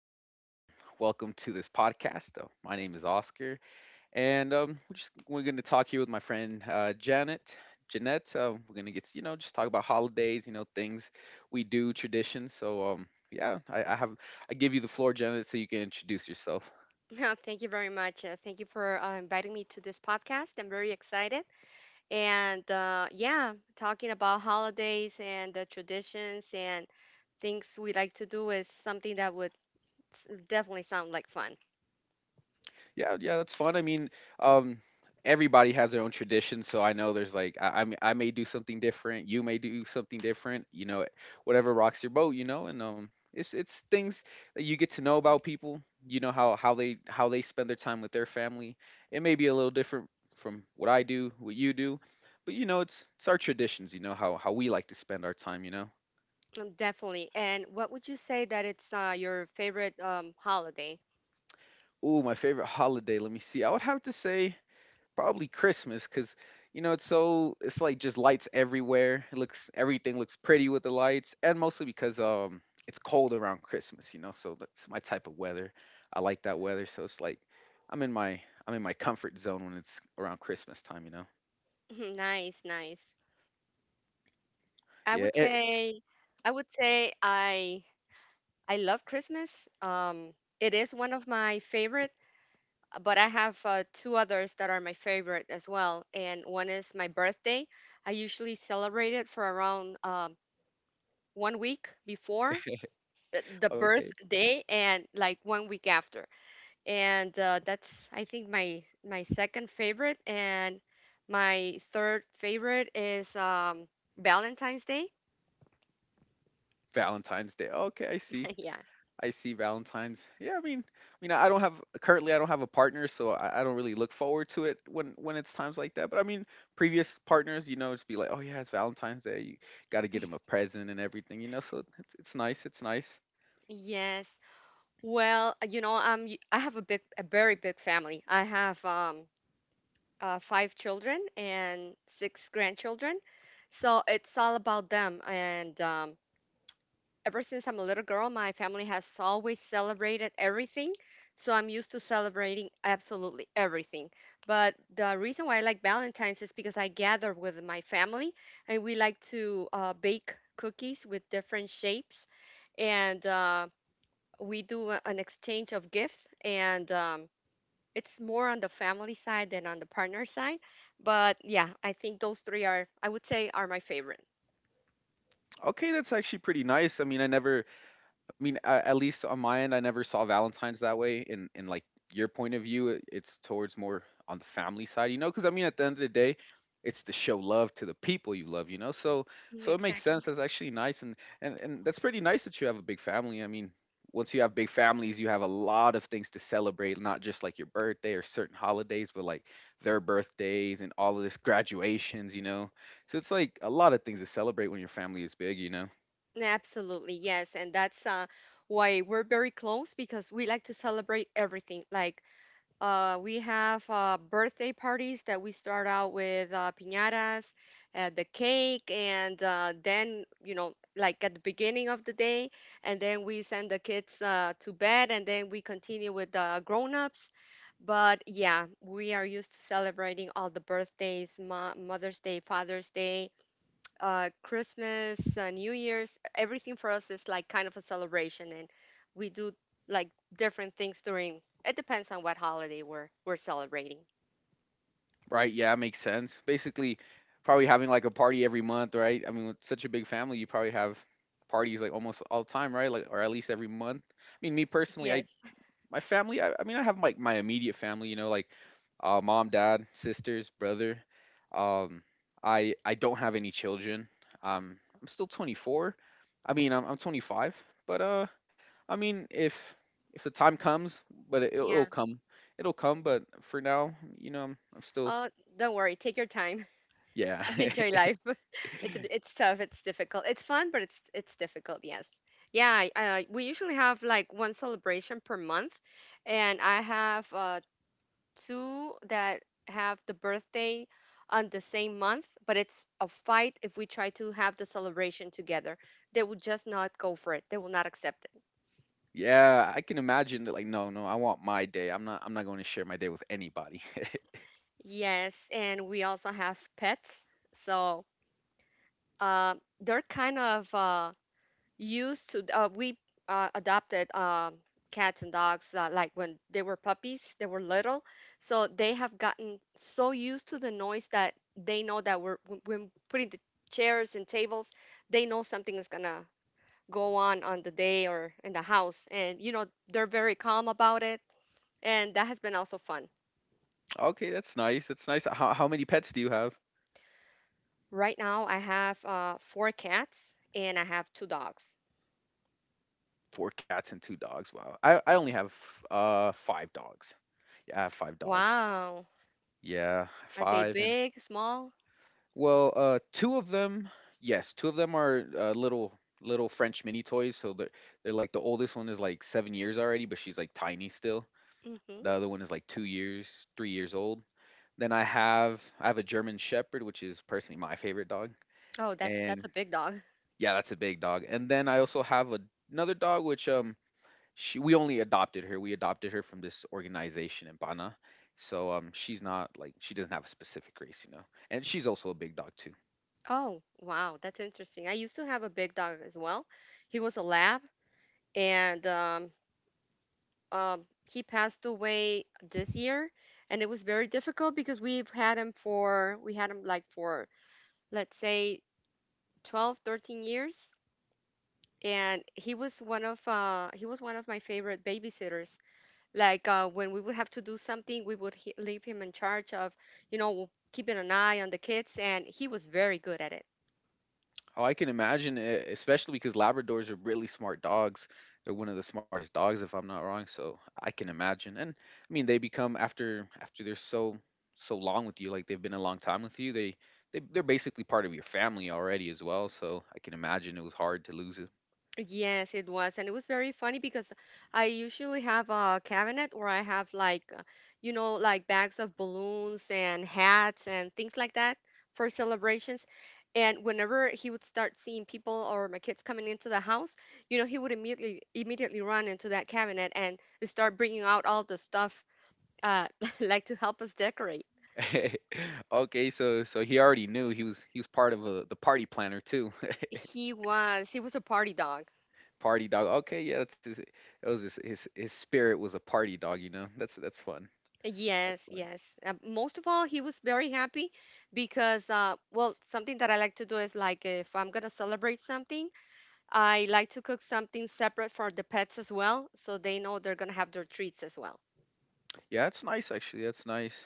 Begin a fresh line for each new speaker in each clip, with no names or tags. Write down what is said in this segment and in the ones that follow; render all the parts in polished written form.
hello. Welcome to this podcast. My name is Oscar, and we're going to talk here with my friend Janet. Jeanette, we're gonna get to, just talk about holidays, things we do, traditions. So yeah, I give you the floor, Janet, so you can introduce yourself.
No, thank you very much. Thank you for inviting me to this podcast. I'm very excited. And talking about holidays and the traditions and things we like to do is something that would definitely sound like fun.
Yeah, yeah, that's fun. I mean, um, everybody has their own traditions, so I know there's like I may do something different, you may do something different, whatever rocks your boat, and it's things that you get to know about people, how they spend their time with their family. It may be a little different from what I do, what you do, but it's our traditions, how we like to spend our time.
Definitely. And what would you say that it's your favorite holiday?
Ooh, my favorite holiday. Let me see. I would have to say probably Christmas, cause it's so it's like just lights everywhere. It looks everything looks pretty with the lights, and mostly because it's cold around Christmas, so that's my type of weather. I like that weather, so it's like I'm in my I'm in my comfort zone when it's around Christmas time.
Nice, nice. I
Yeah.
would say, I would say I love Christmas. Um, it is one of my favorite, but I have two others that are my favorite as well. And one is my birthday. I usually celebrate it for around 1 week before the
Okay.
birthday and like 1 week after. And that's I think my second favorite. And my third favorite is Valentine's Day.
Valentine's Day. Okay, I see.
Yeah.
I see Valentine's. Yeah, I mean, I don't have currently. I don't have a partner, so I don't really look forward to it when it's times like that. But I mean, previous partners, just be like, oh yeah, it's Valentine's Day. You got to get him a present and everything. So it's nice. It's nice.
Yes. Well, I have a very big family. I have five children and six grandchildren. So it's all about them. And ever since I'm a little girl, my family has always celebrated everything. So I'm used to celebrating absolutely everything. But the reason why I like Valentine's is because I gather with my family and we like to bake cookies with different shapes. And we do an exchange of gifts. And it's more on the family side than on the partner side. But yeah, I think those three I would say, are my favorite.
Okay, that's actually pretty nice. I mean, I never I mean, a at least on my end, I never saw Valentine's that way. In like your point of view, it's towards more on the family side. Because I mean, at the end of the day, it's to show love to the people you love. So
Mm.
so it makes sense.
Exactly.
That's actually nice, and that's pretty nice that you have a big family. I mean, once you have big families, you have a lot of things to celebrate, not just like your birthday or certain holidays, but like their birthdays and all of this graduations. So it's like a lot of things to celebrate when your family is big.
Absolutely, yes. And that's why we're very close because we like to celebrate everything. We have birthday parties that we start out with piñatas, the cake, and then, you know, like at the beginning of the day, and then we send the kids to bed, and then we continue with the grown-ups. But yeah, we are used to celebrating all the birthdays, Mo Mother's Day, Father's Day, Christmas, New Year's, everything for us is like kind of a celebration, and we do like different things during. It depends on what holiday we're celebrating.
Right, yeah, makes sense. Basically, probably having like a party every month, right? I mean, with such a big family, you probably have parties like almost all the time, right? Like, or at least every month. I mean, me personally,
Yes,
I mean, I have like my immediate family, you know, like mom, dad, sisters, brother. Um, I don't have any children. I'm still 24. I mean, I'm 25, but I mean, if the time comes, but it, it'll
yeah.
it'll come, it'll come. But for now, I'm still
Oh, don't worry. Take your time.
yeah.
Enjoy life. It's tough. It's difficult. It's fun, but it's difficult. Yes. Yeah. We usually have like one celebration per month, and I have two that have the birthday on the same month, but it's a fight if we try to have the celebration together. They will just not go for it. They will not accept it.
Yeah, I can imagine that like, "No, no, I want my day. I'm not going to share my day with anybody."
Yes, and we also have pets. So uh, they're kind of used to we adopted cats and dogs like when they were puppies, they were little, so they have gotten so used to the noise that they know that we're when putting the chairs and tables, they know something is gonna go on the day or in the house. And you know, they're very calm about it, and that has been also fun.
Okay, that's nice, that's nice. How many pets do you have?
Right now I have four cats and I have two dogs.
4 cats and 2 dogs. Wow. I only have, 5 dogs. Yeah, I have 5 dogs.
Wow,
Yeah,
are they
5 and
big, small?
well, 2 of them yes, 2 of them are, little French mini toys, so they're like the oldest one is, like, 7 years already, but she's, like, tiny still.
Hmm.
The other one is, like, 2 years, 3 years old. Then I have a German Shepherd, which is personally my favorite dog,
Oh, that's
and
a big dog.
yeah, that's a big dog. And then I also have another dog, which she we only adopted her. We adopted her from this organization in Bana, so she's not like she doesn't have a specific race. And she's also a big dog too.
Oh, wow, that's interesting. I used to have a big dog as well. He was a lab, and he passed away this year, and it was very difficult because we had him like for let's say 12, 13 years, and he was one of my favorite babysitters. Like when we would have to do something, leave him in charge of, you know, keeping an eye on the kids, and he was very good at it.
Oh, I can imagine, e especially because Labradors are really smart dogs. They're one of the smartest dogs, if I'm not wrong. So I can imagine, and I mean, they become after they're so long with you, like they've been a long time with you. They're basically part of your family already as well. So I can imagine it was hard to lose him.
Yes, it was. And it was very funny because I usually have a cabinet where I have like, you know, like bags of balloons and hats and things like that for celebrations. And whenever he would start seeing people or my kids coming into the house, you know, he would immediately run into that cabinet and start bringing out all the stuff uh like to help us decorate.
Okay, so he already knew he was part of the party planner too.
He was a party dog.
Party dog. Okay, yeah, that's his. It was his spirit was a party dog. That's fun. That's
Yes,
fun.
yes. Most of all, he was very happy because, well, something that I like to do is like if I'm gonna celebrate something, I like to cook something separate for the pets as well, so they know they're gonna have their treats as well.
Yeah, that's nice actually. That's nice.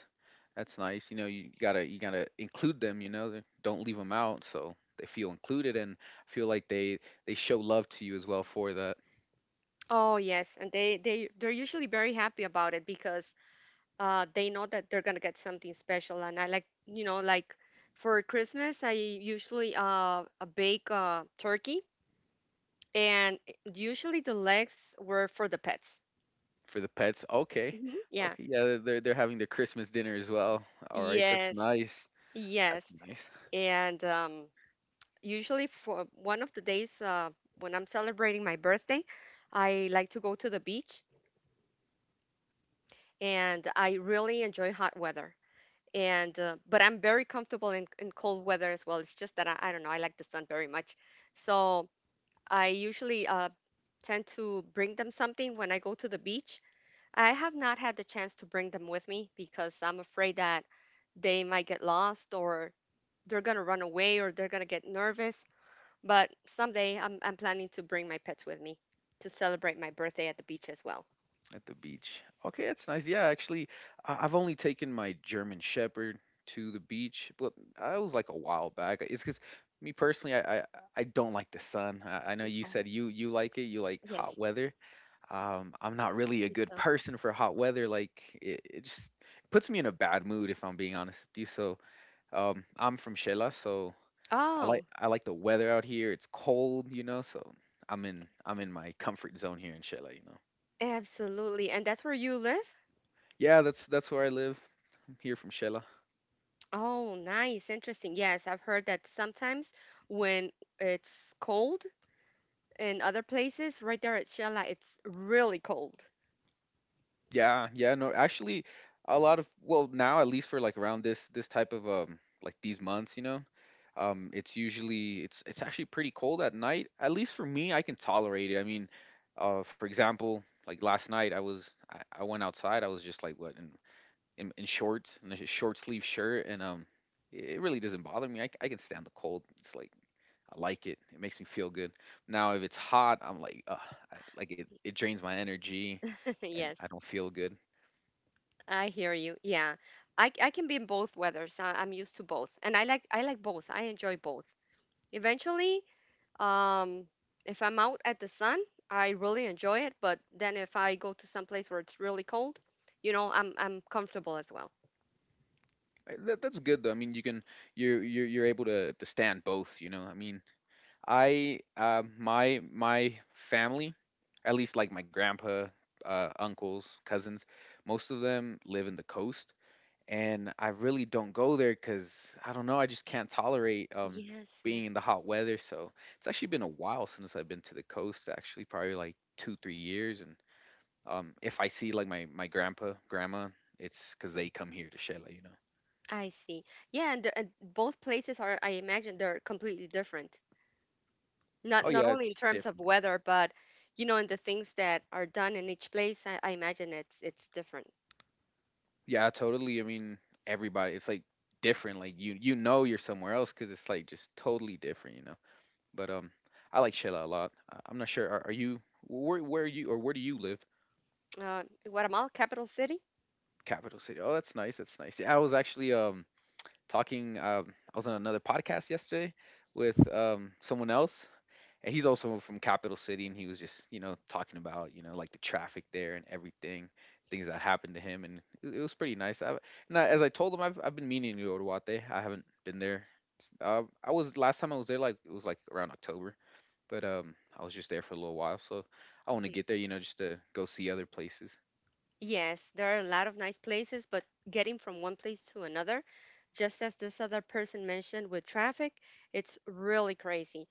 That's nice. You gotta include them. Don't leave them out, so they feel included and feel like they show love to you as well for the
Oh yes, and they're usually very happy about it because they know that they're gonna get something special. And I like, you know, like for Christmas, I usually bake turkey, and usually the legs were for the pets.
for the pets. Okay,
Hmm. Yeah.
okay, yeah, they're having their Christmas dinner as well. All right, that's
Yes,
nice.
yes.
That's nice.
And usually for one of the days when I'm celebrating my birthday, I like to go to the beach and I really enjoy hot weather. And but I'm very comfortable in cold weather as well. It's just that I don't know, I like the sun very much. So I usually tend to bring them something when I go to the beach. I have not had the chance to bring them with me because I'm afraid that they might get lost or they're going to run away or they're going to get nervous. But someday I'm planning to bring my pets with me to celebrate my birthday at the beach as well.
At the beach. Okay, that's nice. Yeah, actually, I've only taken my German Shepherd to the beach, but I was like a while back. It's because me personally, I don't like the sun. I know you
Oh,
said you like it. You like hot
yes.
weather. I'm not really a
You
good
don't.
person for hot weather. Like it just puts me in a bad mood if I'm being honest with you. So I'm from Shela, so I like
Oh,
I like the weather out here. It's cold. So I'm in my comfort zone here in Shela.
absolutely. And that's where you live?
Yeah, that's where I live. I'm here from Shela.
Oh, nice. Interesting. Yes, I've heard that sometimes when it's cold in other places, right there at Shella, it's really cold.
Yeah, yeah, no, actually, a lot of well now at least for like around this type of like these months, it's usually it's actually pretty cold at night. At least for me, I can tolerate it. I mean, for example, like last night, I went outside. I was just like what in shorts and a short sleeve shirt, and it really doesn't bother me. I can stand the cold. It's like I like it. It makes me feel good. Now, if it's hot, I'm like, I, like it drains my energy, and
Yes,
I don't feel good.
I hear you. Yeah. I can be in both weathers. I'm used to both. And I like both. I enjoy both. Eventually, Um, if I'm out at the sun, I really enjoy it. But then if I go to some place where it's really cold, you know, I'm comfortable as well.
That's good though. I mean, you can you're able to stand both. I mean, I my my family, at least like my grandpa, uncles, cousins, most of them live in the coast, and I really don't go there because I don't know. I just can't tolerate
Yes,
being in the hot weather. So it's actually been a while since I've been to the coast. Actually, probably like 2, 3 years. And if I see like my grandpa, grandma, it's because they come here to Shela.
I see. Yeah, and, and both places are, I imagine, they're completely different.
Oh
Not
yeah,
only in
it's
terms of
different.
weather, but you know, in the things that are done in each place. I imagine it's different.
Yeah, totally. I mean, everybody. It's like different. Like you know you're somewhere else because it's like just totally different. But I like Shela a lot. I'm not sure. Are you where are you or where do you live?
Uh, Guatemala, capital city.
Capital City. Oh, that's nice. That's nice. Yeah, I was actually talking. I was on another podcast yesterday with someone else, and he's also from Capital City, and he was just talking about like the traffic there and everything, things that happened to him, and it was pretty nice. As I told him, I've been meaning to go to Oduwate. I haven't been there. I was last time I was there like it was like around October, but I was just there for a little while, so I want to get there, just to go see other places.
Yes, there are a lot of nice places, but getting from one place to another, just as this other person mentioned with traffic, it's really crazy.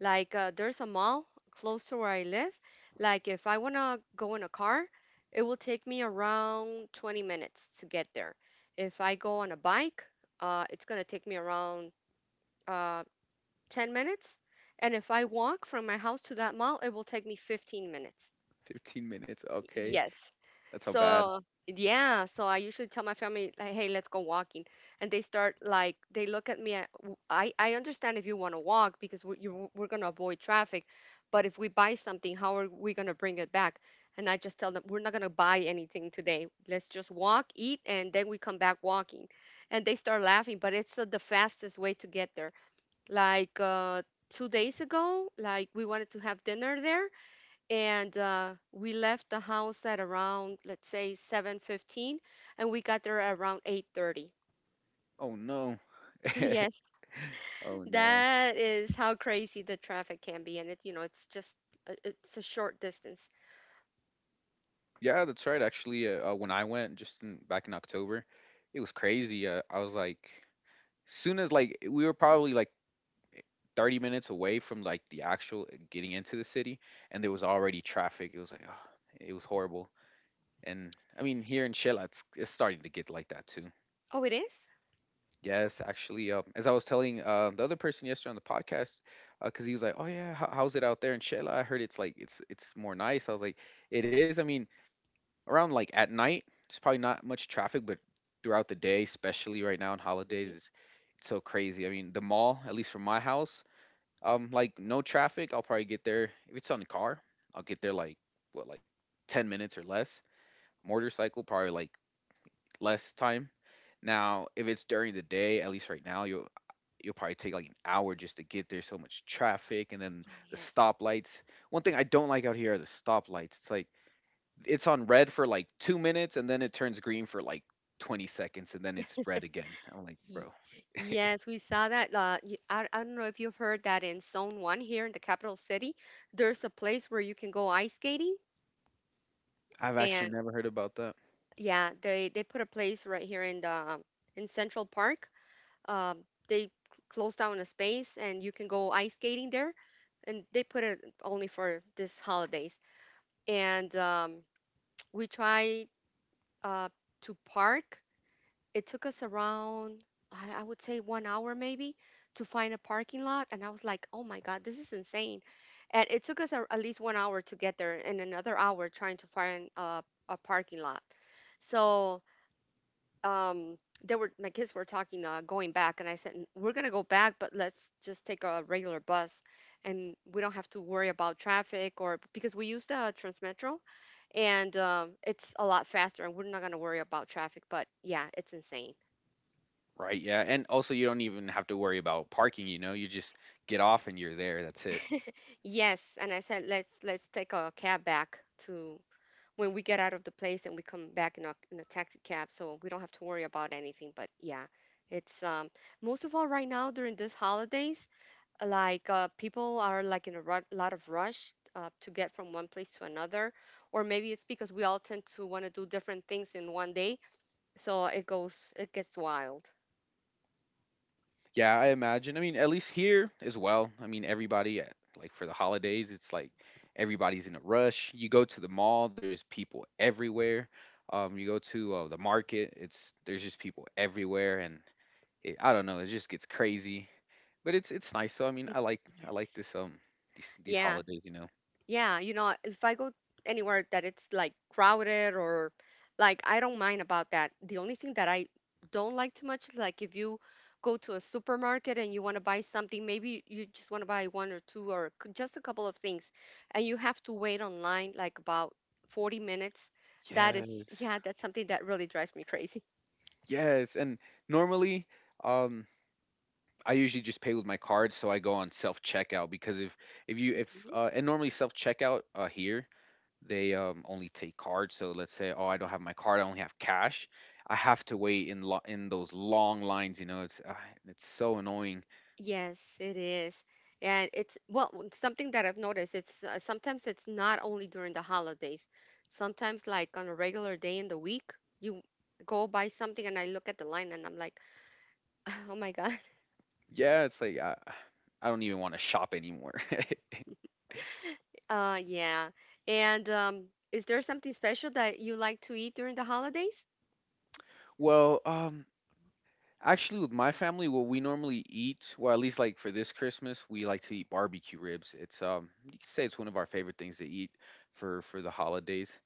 Like, there's a mall close to where I live. Like, if I want to go in a car, it will take me around 20 minutes to get there. If I go on a bike, it's going to take me around uh, 10 minutes. And if I walk from my house to that mall, it will take me 15 minutes.
15 minutes, okay.
Yes.
That's how bad.
So yeah, so I usually tell my family, like, "Hey, let's go walking," and they start like they look at me. I understand if you want to walk because we're gonna avoid traffic, but if we buy something, how are we gonna bring it back? And I just tell them we're not gonna buy anything today. Let's just walk, eat, and then we come back walking. And they start laughing, but it's the fastest way to get there. Like 2 days ago, like we wanted to have dinner there and we left the house at around let's say 7:15 and we got there around 8:30
Oh no.
yes,
Oh no.
that is how crazy the traffic can be, and it's you know it's just it's a short distance.
Yeah, that's right. Actually, when I went back in October, it was crazy. I was like, soon as like we were probably like 30 minutes away from like the actual getting into the city, and there was already traffic. It was like, oh, it was horrible. And I mean, here in Shela, it's starting to get like that too.
Oh, it is.
Yes, actually, as I was telling the other person yesterday on the podcast, because he was like, oh yeah, how's it out there in Shela? I heard it's like it's more nice. I was like, it is. I mean around, like, at night, there's probably not much traffic, but throughout the day, especially right now on holidays,
Mm-hmm.
is it's so crazy. I mean, the mall, at least from my house, like, no traffic, I'll probably get there if it's on a car, I'll get there, like, what, like, 10 minutes or less. Motorcycle, probably, like, less time. Now, if it's during the day, at least right now, you'll probably take, like, an hour just to get there, so much traffic, and then
Oh
the
yes.
stoplights. One thing I don't like out here are the stoplights. It's like it's on red for like 2 minutes and then it turns green for like 20 seconds and then it's red again. I'm like,
Ye-
"Bro,
Yes, we saw that. I don't know if you've heard that in Zone 1 here in the capital city, there's a place where you can go ice skating.
I've actually
And
never heard about that."
yeah, they put a place right here in Central Park. Um, they close down a space and you can go ice skating there, and they put it only for this holidays. And we tried uh, to park. It took us around, I would say, 1 hour maybe to find a parking lot. And I was like, "Oh my God, this is insane." And it took us at least 1 hour to get there, and another hour trying to find a parking lot. So, um they were my kids were talking going back, and I said, We're gonna go back, but let's just take a regular bus and we don't have to worry about traffic, or because we use the Transmetro, and it's a lot faster, and we're not gonna worry about traffic." But yeah, it's insane.
Right, yeah, and also you don't even have to worry about parking, you know? You just get off and you're there. That's it.
Yes. And I said, let's take a cab back to when we get out of the place, and we come back in in a taxi cab, so we don't have to worry about anything. But yeah, it's, most of all right now during these holidays, like, people are like in a lot of rush, to get from one place to another. Or maybe it's because we all tend to want to do different things in one day. So it gets wild.
Yeah, I imagine. I mean, at least here as well. I mean, everybody at, like for the holidays, it's like everybody's in a rush. You go to the mall, there's people everywhere. You go to the market, it's there's just people everywhere and it, I don't know, it just gets crazy. But it's nice. So I mean,
It's
I like
Yes.
this these
Yeah.
holidays.
Yeah, if I go anywhere that it's like crowded, or like, I don't mind about that. The only thing that I don't like too much is, like, if you go to a supermarket and you want to buy something, maybe you just want to buy one or two, or just a couple of things, and you have to wait online like about 40 minutes. That is,
Yes.
yeah, that's something that really drives me crazy.
Yes, and normally um I usually just pay with my card, so I go on self checkout because if you if and normally self checkout here they only take cards. So let's say oh I don't have my card, I only have cash. I have to wait in in those long lines. It's so annoying.
Yes, it is. And it's, well, something that I've noticed, it's, sometimes it's not only during the holidays. Sometimes, like, on a regular day in the week, you go buy something and I look at the line and I'm like, "Oh my God."
Yeah, it's like I don't even want to shop anymore.
Yeah. And is there something special that you like to eat during the holidays?
Well, actually, with my family, what we normally eat, well, at least like for this Christmas, we like to eat barbecue ribs. It's you can say it's one of our favorite things to eat for the holidays.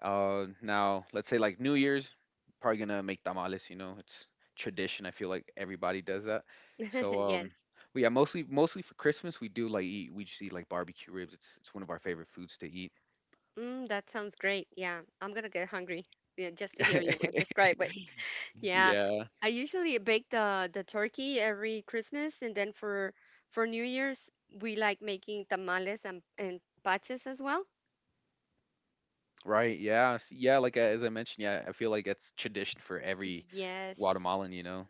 Now let's say like New Year's, probably gonna make tamales. You know, it's tradition. I feel like everybody does that. So
Yes.
but yeah, mostly for Christmas, we do like eat. We just eat like barbecue ribs. It's one of our favorite foods to eat.
That sounds great. Yeah. I'm gonna get hungry. Yeah, just to hear you describe it. Yeah,
Yeah.
I usually bake the turkey every Christmas, and then for New Year's we like making tamales and paches as well.
Right, yeah, s yeah, like, as I mentioned, yeah, I feel like it's tradition for every
Yes,
Guatemalan, you know?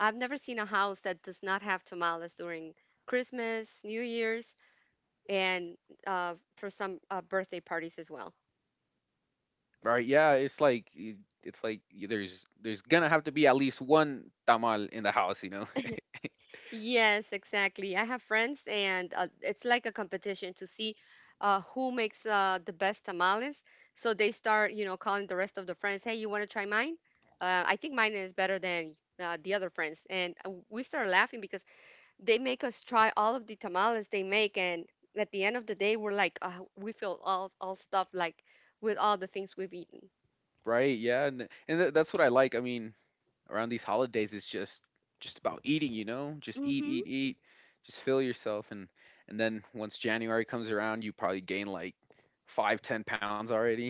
I've never seen a house that does not have tamales during Christmas, New Year's, and for some birthday parties as well.
Right, yeah, it's like y there's gonna have to be at least one tamal in the house, you know?
Yes, exactly. I have friends, and it's like a competition to see who makes the best tamales. So they start, calling the rest of the friends, "Hey, you want to try mine? I think mine is better than the other friends." And we start laughing because they make us try all of the tamales they make, and at the end of the day, we're like, we feel all stuffed, like with all the things we've eaten.
Right, yeah, and that's what I like, I mean, around these holidays, it's just about eating, you know? Just eat,
Mm-hmm.
eat, eat, just fill yourself, and then once January comes around, you probably gain, like, 5, 10 pounds already,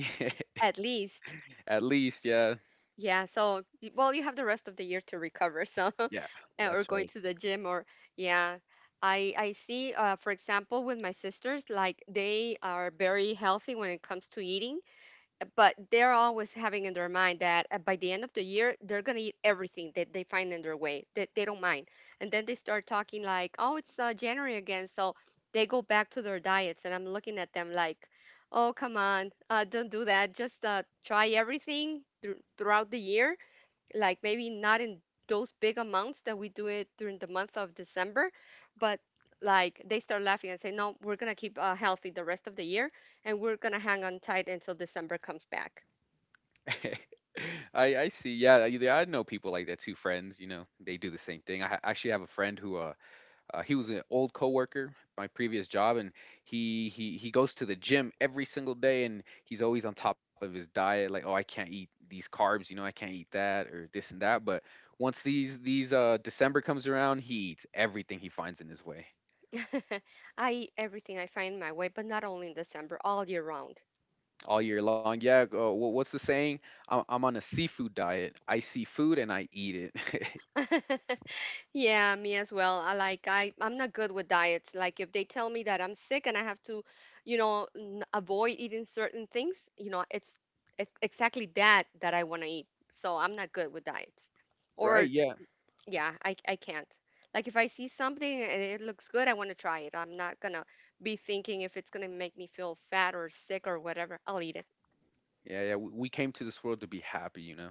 At least,
at least, yeah.
yeah. So, well, you have the rest of the year to recover. So,
Yeah,
or
that's
going
right.
to the gym, or yeah, I see, for example, with my sisters, like, they are very healthy when it comes to eating, but they're always having in their mind that, by the end of the year they're going to eat everything that they find in their way, that they don't mind. And then they start talking like, oh, it's January again, so they go back to their diets. And I'm looking at them like, oh, come on, don't do that. Just try everything throughout the year, like maybe not in those big amounts that we do it during the month of December, but like, they start laughing and say, no, we're gonna keep healthy the rest of the year and we're gonna hang on tight until December comes back.
I see. Yeah, I know people like that too. Friends, you know, they do the same thing. Actually have a friend who, he was an old coworker, my previous job, and he goes to the gym every single day, and he's always on top of his diet. Like, oh, I can't eat these carbs, you know, I can't eat that or this and that. But once these December comes around, he eats everything he finds in his way
I eat everything I find my way, but not only in December, all year round.
all year long. Yeah, what's the saying? I'm on a seafood diet. I see food and I eat it.
Yeah, me as well. I like I I'm not good with diets. Like if they tell me that I'm sick and I have to, avoid eating certain things, it's exactly that that I want to eat. So I'm not good with diets.
Right?
Or
Yeah.
yeah, I can't. Like if I see something and it looks good, I want to try it. I'm not gonna be thinking if it's gonna make me feel fat or sick or whatever. I'll eat it.
Yeah, yeah. We came to this world to be happy, you know.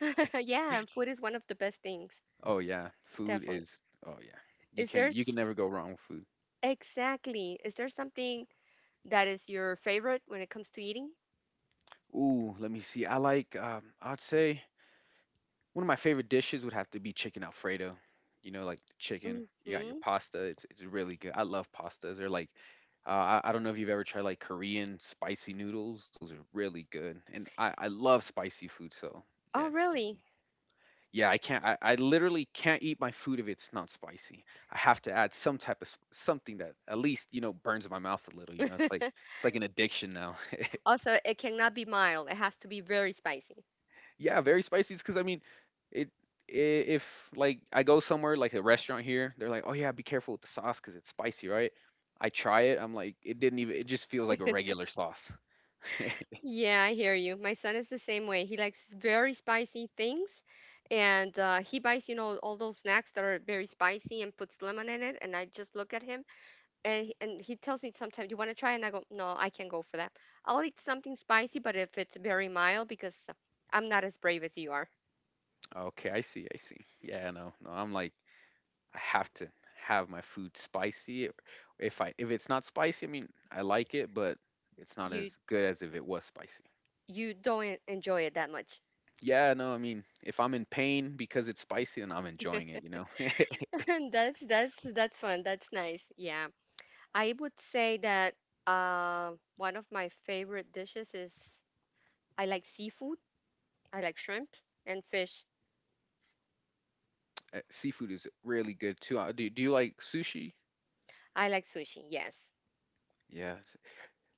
Yeah, and food is one of the best things,
Oh yeah, food
definitely.
is. Oh yeah,
Is there
you can never go wrong with food.
exactly? Is there something that is your favorite when it comes to eating?
Ooh, let me see. I like. I'd say one of my favorite dishes would have to be chicken alfredo. You know, like chicken. You got your
Hmm.
pasta. It's really good. I love pastas. They're like. I don't know if you've ever tried like Korean spicy noodles. Those are really good, and I love spicy food. So yeah,
Oh,
it's really good.
really?
Yeah, I can't. I literally can't eat my food if it's not spicy. I have to add some type of something that at least you know burns my mouth a little. You know, it's like an addiction now.
Also, it cannot be mild. It has to be very spicy.
Yeah, very spicy. Because I mean, it if like I go somewhere like a restaurant here, they're like, oh yeah, be careful with the sauce because it's spicy, right? I try it. I'm like, it didn't even. It just feels like a regular sauce.
Yeah, I hear you. My son is the same way. He likes very spicy things, and he buys, all those snacks that are very spicy and puts lemon in it. And I just look at him, and he tells me sometimes, "You want to try?" And I go, "No, I can't go for that. I'll eat something spicy, but if it's very mild, because I'm not as brave as you are,
Okay, I see. I see. Yeah, no, no. I'm like. I have to have my food spicy. If it's not spicy, I mean, I like it, but it's not
you
as good as if it was spicy.
you don't enjoy it that much."
Yeah, no, I mean, if I'm in pain because it's spicy, then I'm enjoying it, you know.
That's fun. That's nice. Yeah. I would say that, one of my favorite dishes is, I like seafood. I like shrimp and fish.
Seafood is really good too. Do you like sushi?
I like sushi. Yes.
Yeah.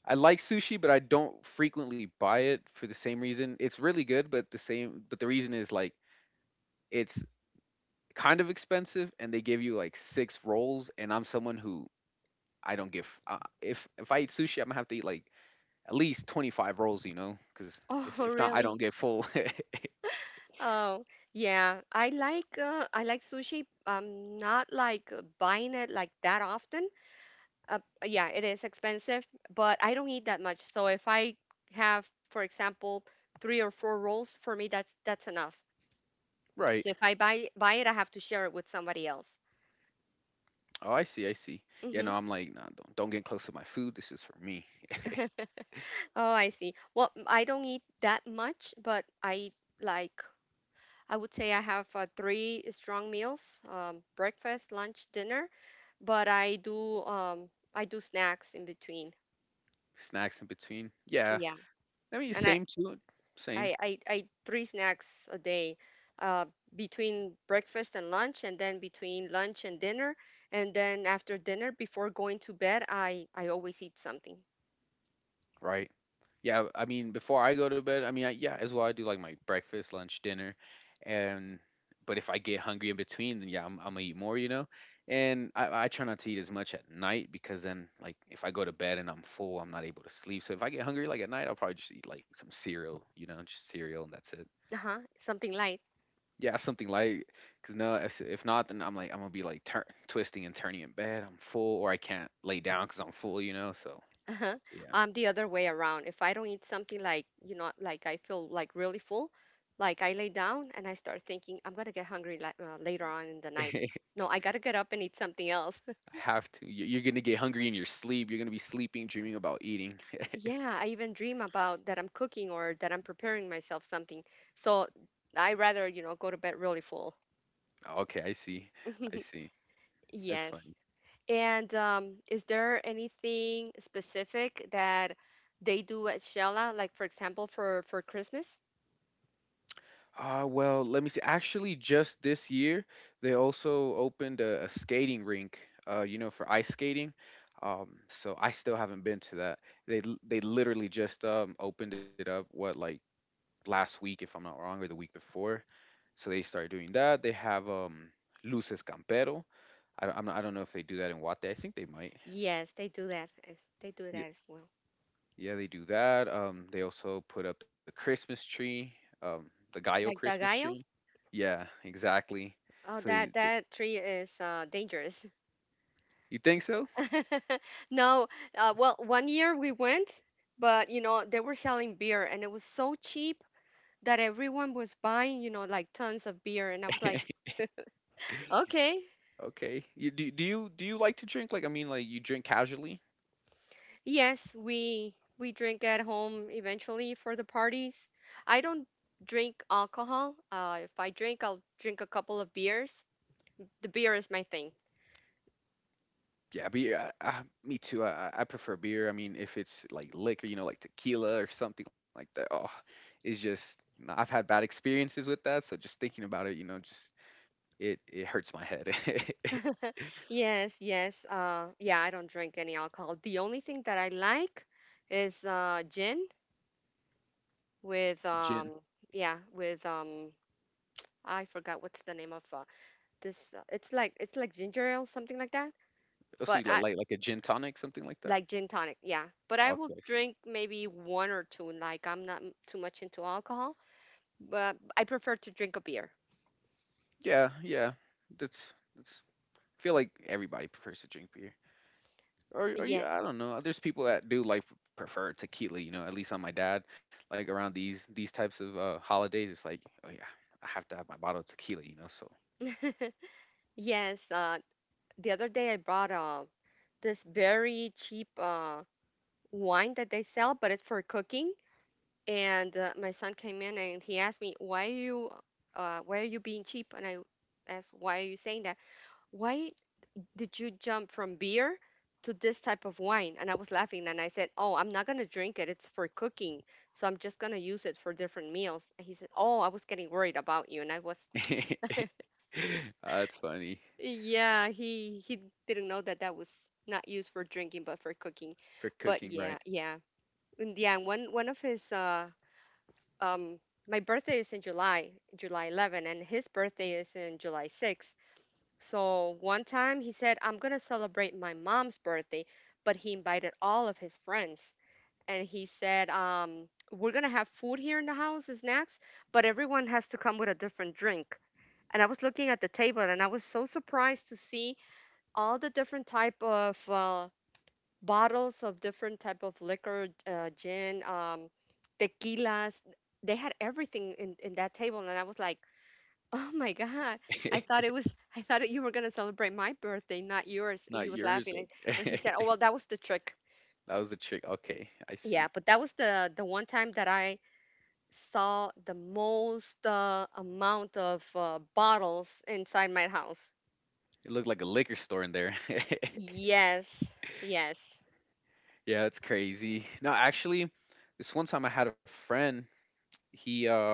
I like sushi, but I don't frequently buy it for the same reason. It's really good, but the reason is like it's kind of expensive and they give you like six rolls and I'm someone who I don't give. If I eat sushi, I'm gonna have to eat like at least 25 rolls, you know, because
Oh,
if not, I don't
really?
get full.
Oh, yeah. I like sushi. I'm not like, buying it like that often. Uh, yeah, it is expensive, but I don't eat that much. So if I have, for example, three or four rolls, for me that's enough.
Right.
So if I buy it, I have to share it with somebody else.
Oh, I see. I see. Yeah.
Hmm.
No, I'm like, nah, don't get close to my food. This is for me.
Oh, I see. Well, I don't eat that much, but I like, I would say I have, three strong meals, breakfast, lunch, dinner, but I do, snacks in between.
Snacks in between. Yeah.
Yeah,
I mean,
and I
same too. Same.
I I, I three snacks a day, uh, between breakfast and lunch, and then between lunch and dinner, and then after dinner, before going to bed, I always eat something.
Right. Yeah, I mean, before I go to bed, I mean, I, yeah, as well, I do like my breakfast, lunch, dinner, and but if I get hungry in between, then yeah, I'm gonna eat more, you know. And I try not to eat as much at night because then, like, if I go to bed and I'm full, I'm not able to sleep. So if I get hungry like at night, I'll probably just eat like some cereal, you know, just cereal and that's it.
Uh-huh, something light.
Yeah, something light. Cause no, if not, then I'm like I'm gonna be like tur twisting and turning in bed. I'm full, or I can't lay down because I'm full, you know. So,
Uh-huh.
so
I'm the other way around. If I don't eat something, like, like I feel like really full, like I lay down and I start thinking I'm gonna get hungry like later on in the night.
yeah.
No, I gotta get up and eat something else.
I have to. You're gonna get hungry in your sleep. You're gonna be sleeping, dreaming about eating.
Yeah, I even dream about that I'm cooking or that I'm preparing myself something. So I rather, go to bed really full.
Okay, I see. I see. That's
Yes.
funny.
And is there anything specific that they do at Shella, like for example for Christmas?
Well, let me see. Actually, just this year, they also opened a skating rink. You know, for ice skating. So I still haven't been to that. They they literally just opened it up. What like last week, if I'm not wrong, or the week before. So they started doing that. They have luces campero. I'm not, I don't know if they do that in Guate. I think they might.
Yes, they do that. They do that as well.
Yeah, they do that. They also put up the Christmas tree, the Gallo
Like the
Christmas tree.
Dagayo?
Yeah, exactly.
Oh,
So
that
you,
that tree is dangerous.
you think so?
No, well, one year we went, but you know they were selling beer and it was so cheap that everyone was buying, like tons of beer, and I was like, okay,
Okay. Do you do you like to drink? Like, I mean, like you drink casually?
yes, we drink at home eventually for the parties. I don't drink alcohol. If I drink, I'll drink a couple of beers. The beer is my thing.
Yeah, beer. Me too. I prefer beer. I mean, if it's like liquor, you know, like tequila or something like that. Oh, it's just nah, I've had bad experiences with that. So just thinking about it, you know, just it hurts my head.
Yes, yes. Yeah, I don't drink any alcohol. The only thing that I like is, gin with,
Gin.
yeah, with, I forgot what's the name of, this. It's like ginger ale, something like that.
Also,
But
you like
I
like a gin tonic, something like that.
like gin tonic, yeah. But I will
Okay, I see.
drink maybe one or two. Like, I'm not too much into alcohol, but I prefer to drink a beer.
Yeah, yeah. That's that's. Feel like everybody prefers to drink beer. Or you, I
Yes,
don't know. There's people that do like prefer tequila. You know, at least on my dad, like around these types of holidays, it's like, oh yeah, I have to have my bottle of tequila. You know, so
yes. The other day I bought, this very cheap wine that they sell, but it's for cooking. And my son came in and he asked me, Why are you being cheap?" And I asked, "Why are you saying that? Why did you jump from beer to this type of wine?" And I was laughing and I said, "Oh, I'm not gonna drink it. It's for cooking, so I'm just gonna use it for different meals." And he said, "Oh, I was getting worried about you." And
That's funny
yeah, he didn't know that that was not used for drinking but for cooking.
for
But
cooking,
yeah,
right?
yeah. And yeah, and one one of his um my birthday is in July, July 11, and his birthday is in July 6. So one time he said, "I'm gonna celebrate my mom's birthday," but he invited all of his friends. And he said, "We're gonna have food here in the house, and snacks, but everyone has to come with a different drink." And I was looking at the table and I was so surprised to see all the different type of, bottles of different type of liquor, gin, tequilas. They had everything in that table, and I was like, "Oh my God! I thought it was I thought you were gonna celebrate my birthday, not yours." And he
Not
was
yours,
laughing, and he
right?
said, "Oh well, that was the trick."
That was the trick. Okay, I
Yeah,
see.
but that was the one time that I saw the most amount of bottles inside my house.
It looked like a liquor store in there.
Yes, yes.
Yeah, it's crazy. No, actually, this one time I had a friend he uh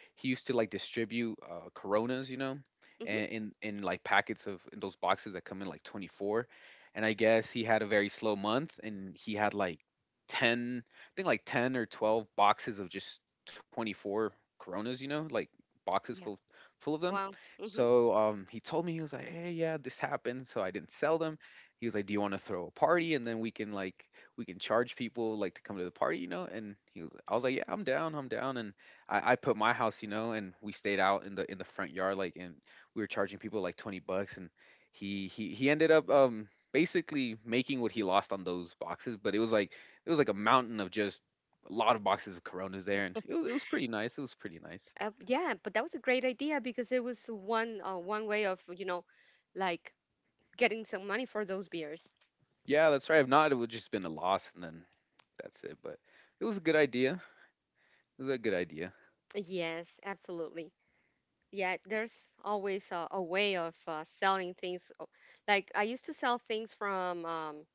he used to like distribute Coronas, you know,
Hmm.
and in like packets of in those boxes that come in like 24. And I guess he had a very slow month and he had like 10, I think like 10 or 12 boxes of just 24 Coronas, you know, like boxes
Yeah.
full of them.
Wow. hmm
So he told me he was like, "Hey, yeah, this happened." So I didn't sell them. He was like, "Do you want to throw a party and then we can we can charge people like to come to the party, you know?" And he was I was like, "Yeah, I'm down. I'm down." And I put my house, and we stayed out in the front yard, like, and we were charging people like $20, and he ended up basically making what he lost on those boxes, but it was like a mountain of just a lot of boxes of Coronas there, and it was pretty nice. It was pretty nice.
Yeah, but that was a great idea because it was one way of, like getting some money for those beers.
Yeah, that's right. If not, it would just been a loss, and then that's it. But it was a good idea. It was a good idea.
Yes, absolutely. Yeah, there's always a way of selling things. Like I used to sell things from um,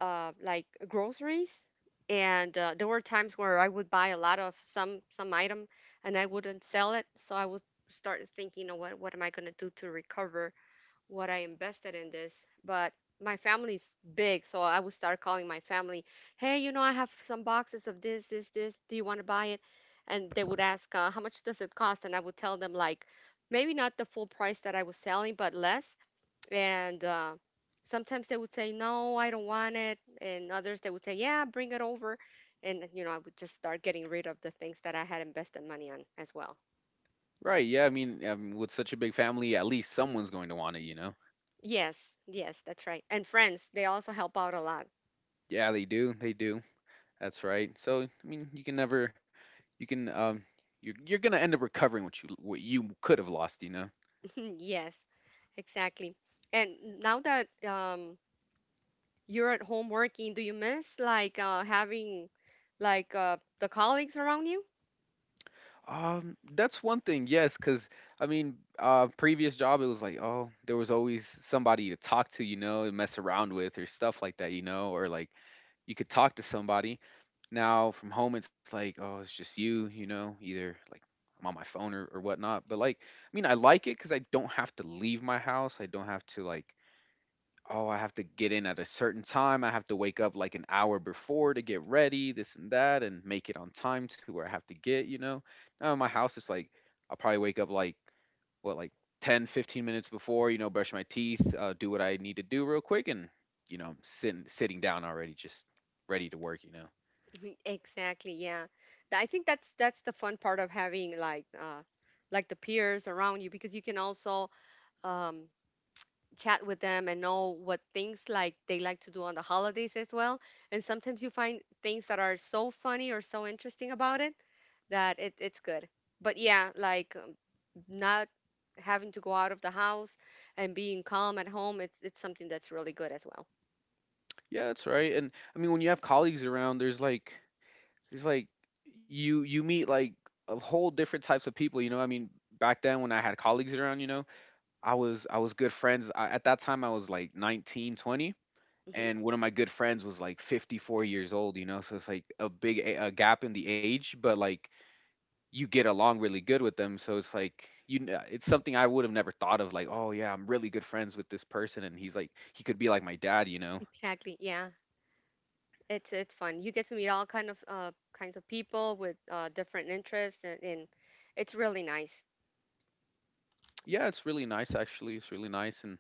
uh, like groceries, and there were times where I would buy a lot of some item, and I wouldn't sell it, so I would start thinking, what am I gonna do to recover what I invested in this. But my family's big, so I would start calling my family, "Hey, I have some boxes of this, this, this. Do you want to buy it?" And they would ask, "How much does it cost?" And I would tell them, like, maybe not the full price that I was selling, but less. And sometimes they would say, "No, I don't want it," and others they would say, "Yeah, bring it over." And I would just start getting rid of the things that I had invested money on as well.
Right? Yeah. I mean, with such a big family, at least someone's going to want it.
Yes, yes, that's right. And friends, they also help out a lot.
Yeah, they do. They do. That's right. So I mean, you can never, you can you're gonna end up recovering what you could have lost.
Hmm. Yes, exactly. And now that you're at home working, do you miss, like, having, like, the colleagues around you?
That's one thing. Yes, because I mean, previous job it was like, oh, there was always somebody to talk to, and mess around with or stuff like that, or like you could talk to somebody. Now from home, it's like, oh, it's just you, either like I'm on my phone or whatnot, but like, I mean, I like it because I don't have to leave my house. I don't have to like, oh, I have to get in at a certain time. I have to wake up like an hour before to get ready, this and that, and make it on time to where I have to get, you know? Now, in my house is like, I'll probably wake up like, what, like 10, 15 minutes before, brush my teeth, do what I need to do real quick, and I'm sitting down already, just ready to work, you know?
Mhm. Exactly, yeah. I think that's the fun part of having, like the peers around you, because you can also um, chat with them and know what things like they like to do on the holidays as well. And sometimes you find things that are so funny or so interesting about it that it's good. But yeah, like, not having to go out of the house and being calm at home, it's something that's really good as well.
Yeah, that's right. And I mean, when you have colleagues around, there's like, you meet like a whole different types of people, you know? I mean, back then when I had colleagues around, you know? I was good friends. I, at that time, I was like 19, 20,
Hmm.
and one of my good friends was like 54 years old, you know? So it's like a big a gap in the age, but like you get along really good with them. So it's like it's something I would have never thought of like, "Oh yeah, I'm really good friends with this person, and he's like he could be like my dad, you know?"
Exactly. Yeah. It's fun. You get to meet all kinds of people with different interests, and it's really nice.
Yeah, it's really nice actually. It's really nice. and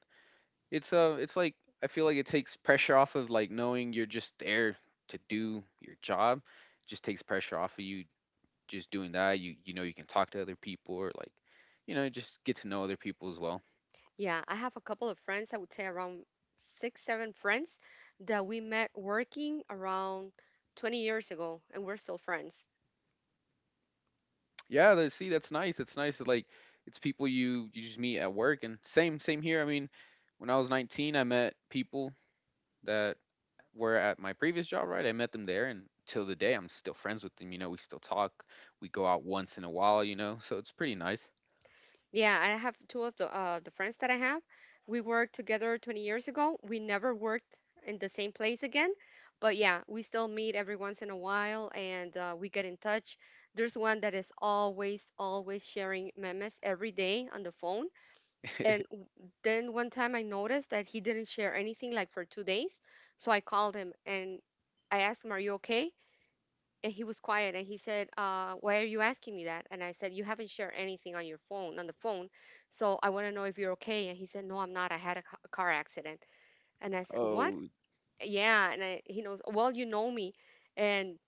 It's uh it's like I feel like it takes pressure off of like knowing you're just there to do your job. Just takes pressure off of you just doing that. You know you can talk to other people, or just get to know other people as well.
Yeah, I have a couple of friends, I would say around six, seven friends that we met working around 20 years ago, and we're still friends.
Yeah, see, that's nice. It's nice. It's like it's people you just meet at work, and same here. I mean, when I was 19, I met people that were at my previous job, right? I met them there, and till the day, I'm still friends with them. We still talk. We go out once in a while, so it's pretty nice.
Yeah, I have two of the friends that I have. We worked together 20 years ago. We never worked in the same place again, but yeah, we still meet every once in a while, and we get in touch. There's one that is always, always sharing memes every day on the phone. And then one time I noticed that he didn't share anything, like, for 2 days. So I called him and I asked him, "Are you okay?" And he was quiet, and he said, "Why are you asking me that?" And I said, "You haven't shared anything on your phone, on the phone. So I want to know if you're okay." And he said, "No, I'm not. I had a car accident." And I said, "What?"
Oh
Yeah. And he knows, "Well, you know me, and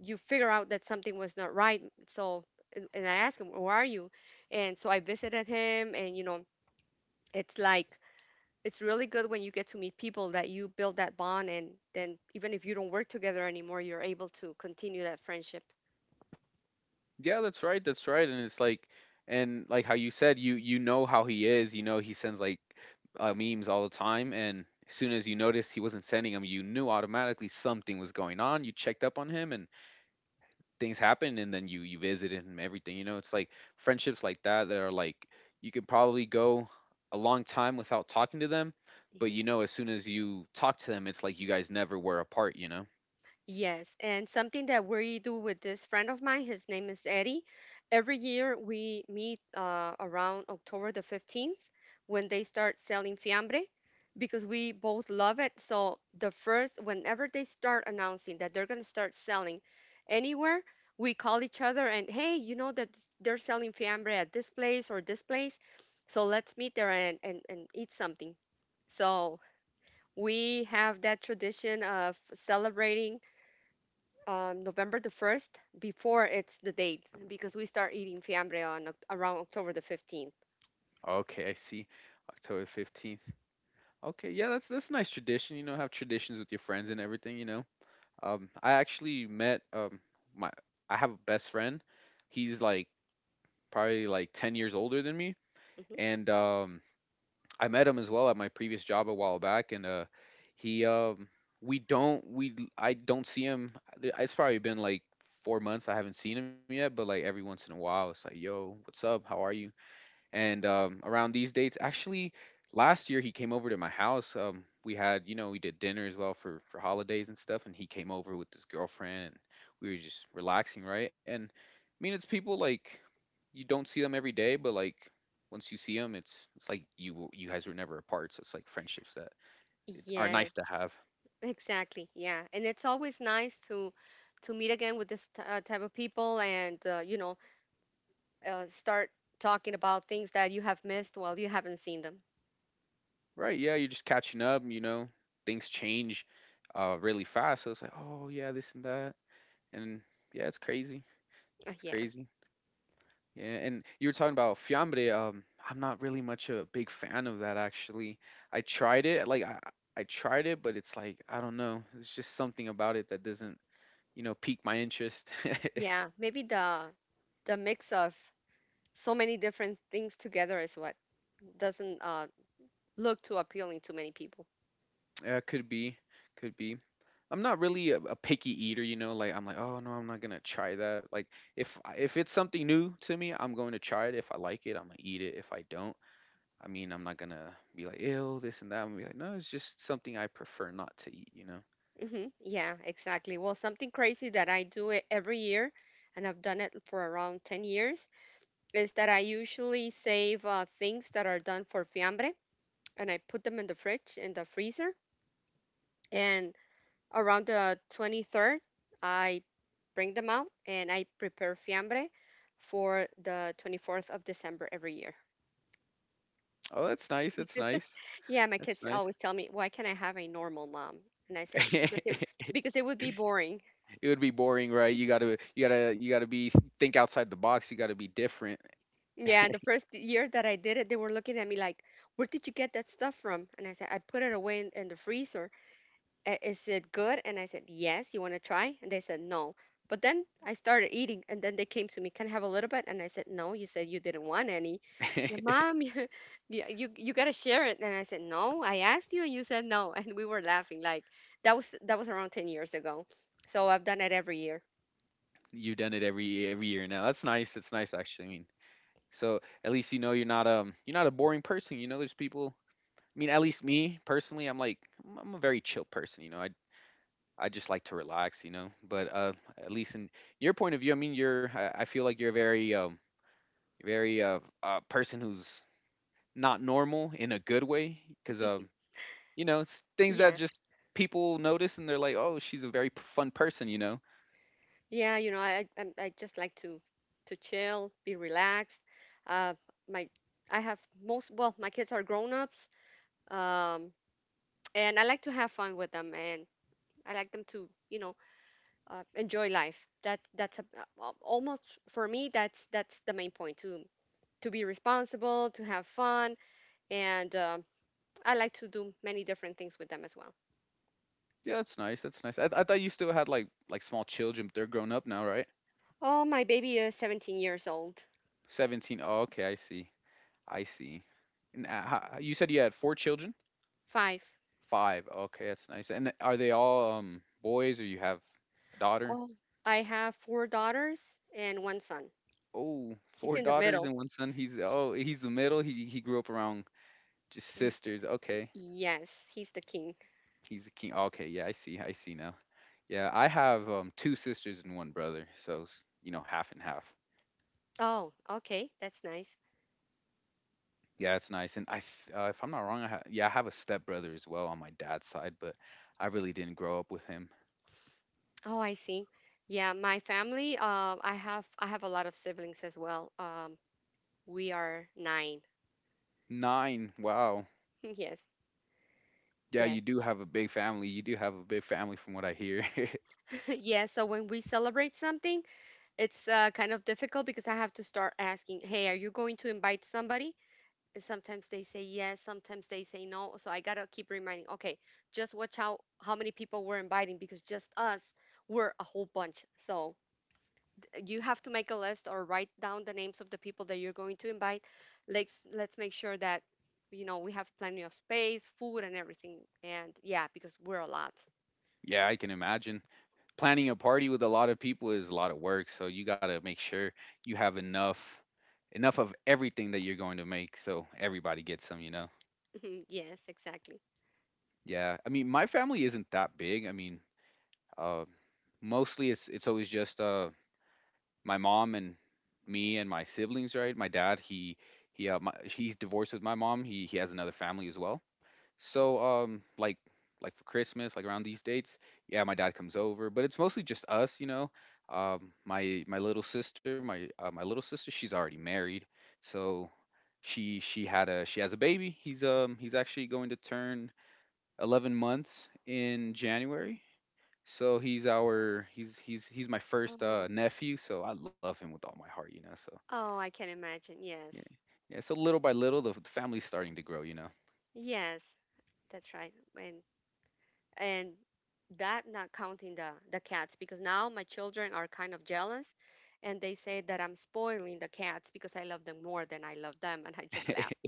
you figure out that something was not right." So, and I asked him, "Where are you?" And so I visited him, and, it's like, it's really good when you get to meet people that you build that bond, and then, even if you don't work together anymore, you're able to continue that friendship.
yeah, that's right. That's right. And like how you said you know how he is, you know he sends like memes all the time, and as soon as you noticed he wasn't sending them, you knew automatically something was going on. You checked up on him, and things happened, and then you visited him, everything. It's like friendships like that, that are like you could probably go a long time without talking to them, but
Mhm.
as soon as you talk to them, it's like you guys never were apart.
Yes, and something that we do with this friend of mine, his name is Eddie. Every year we meet, around October the 15th, when they start selling fiambre, because we both love it. So, whenever they start announcing that they're going to start selling anywhere, we call each other and, "Hey, you know that they're selling fiambre at this place or this place. So, let's meet there and, eat something." So, we have that tradition of celebrating November the 1st before it's the date, because we start eating fiambre on around October the 15th.
Okay, I see. October 15th. Okay, yeah, that's a nice tradition. Have traditions with your friends and everything. I actually met my I have a best friend. He's like probably like 10 years older than me,
Hmm.
and I met him as well at my previous job a while back, and he we don't we I don't see him. It's probably been like 4 months I haven't seen him yet, but like every once in a while, it's like, yo, what's up? How are you? And around these dates, actually, last year he came over to my house. We had you know we did dinner as well for holidays and stuff, and he came over with his girlfriend, and we were just relaxing, right? And I mean, it's people like you don't see them every day, but like once you see them, it's like you guys were never apart. So it's like friendships that are
Yes,
nice to have,
exactly. Yeah. And it's always nice to meet again with this type of people, and, start talking about things that you have missed while you haven't seen them.
right? Yeah, you're just catching up, things change really fast, so it's like, oh yeah, this and that, and yeah, it's crazy, it's
Yeah.
crazy. Yeah, and you were talking about fiambre. I'm not really much a big fan of that, actually. I tried it, like I tried it, but it's like I don't know. It's just something about it that doesn't, pique my interest.
Yeah, maybe the mix of so many different things together is what doesn't look too appealing to many people.
Yeah, could be, could be. I'm not really a picky eater. Like I'm like, oh no, I'm not gonna try that. Like if it's something new to me, I'm going to try it. If I like it, I'm gonna eat it. If I don't, I mean, I'm not gonna be like ill, this and that. I'm gonna be like, no, it's just something I prefer not to eat.
Hmm. Yeah, exactly. Well, something crazy that I do it every year, and I've done it for around 10 years, is that I usually save, things that are done for fiambre, and I put them in the fridge, in the freezer. And around the 23rd, I bring them out and I prepare fiambre for the 24th of December every year.
Oh, that's nice. That's nice.
Yeah, my
That's
kids
nice.
always tell me, "Why can't I have a normal mom?" And I say, because it because it would be boring."
It would be boring, right? You gotta be think outside the box. You gotta be different.
Yeah, the first year that I did it, they were looking at me like, "Where did you get that stuff from?" And I said, "I put it away in, the freezer." Is it good?" And I said, "Yes, you want to try?" And they said, "No." But then I started eating, and then they came to me, "Can I have a little bit?" And I said, "No, you said you didn't want any." "Yeah, Mom, you got to share it." And I said, "No, I asked you, and you said no." And we were laughing, like that was around 10 years ago. So I've done it every year.
You've done it every year now. That's nice. That's nice, actually. I mean, so at least you know you're not a boring person. There's people. I mean, at least me personally, I'm like I'm a very chill person. I just like to relax. But at least in your point of view, I mean, I feel like you're a very very person who's not normal in a good way, because. It's things that
Yeah.
just people notice, and they're like, "Oh, she's a very fun person,"
Yeah, I just like to chill, be relaxed. Uh, my I have most well, my kids are grown-ups, um, and I like to have fun with them, and I like them to, enjoy life. That's a, almost for me. That's the main point to be responsible, to have fun, and I like to do many different things with them as well.
Yeah, that's nice. That's nice. I thought you still had like small children, they're grown up now, right?
Oh, my baby is 17 years old,
17. Oh, okay, I see. I see. And you said you had four children?
five.
Five. Okay, that's nice. And are they all boys, or you have a daughter?
Oh, I have four daughters and one son.
Oh,
He's
four
in the
daughters
middle.
and one son. He's the middle. He grew up around just
Y-
sisters.
y-
Okay.
yes, he's the king.
He's a king. Okay, yeah, I see. I see. Yeah, I have two sisters and one brother, so it's, half and half.
Oh, okay, that's nice.
Yeah, it's nice. And if I'm not wrong, yeah, I have a stepbrother as well on my dad's side, but I really didn't grow up with him.
Oh, I see. Yeah, my family. I have a lot of siblings as well. We are nine.
Nine. Wow.
Yes,
Yeah, you
yes,
do have a big family. You do have a big family, from what I hear.
yes. So when we celebrate something, it's, kind of difficult, because I have to start asking, "Hey, are you going to invite somebody?" And sometimes they say yes, sometimes they say no. So I gotta keep reminding, "Okay, just watch out how many people we're inviting, because just us, we're a whole bunch." So you have to make a list or write down the names of the people that you're going to invite. Let's make sure that you know we have plenty of space, food, and everything. And yeah, because we're a lot.
Yeah, I can imagine. Planning a party with a lot of people is a lot of work, so you got to make sure you have enough of everything that you're going to make so everybody gets some.
Yes, exactly.
Yeah. I mean, my family isn't that big. I mean, Uh, mostly, it's always just my mom and me and my siblings. Right, my dad, he's divorced with my mom. He has another family as well. So like for Christmas, like around these dates, yeah, my dad comes over, but it's mostly just us. My little sister, she's already married, so she has a baby. He's actually going to turn 11 months in January. So he's our he's my first
Oh,
nephew, so I love him with all my heart. So
oh, I can imagine.
yeah,
Yes,
yeah. So little by little, the family's starting to grow.
yes, that's right. And and that, not counting the cats, because now my children are kind of jealous, and they say that I'm spoiling the cats because I love them more than I love them, and I just laugh.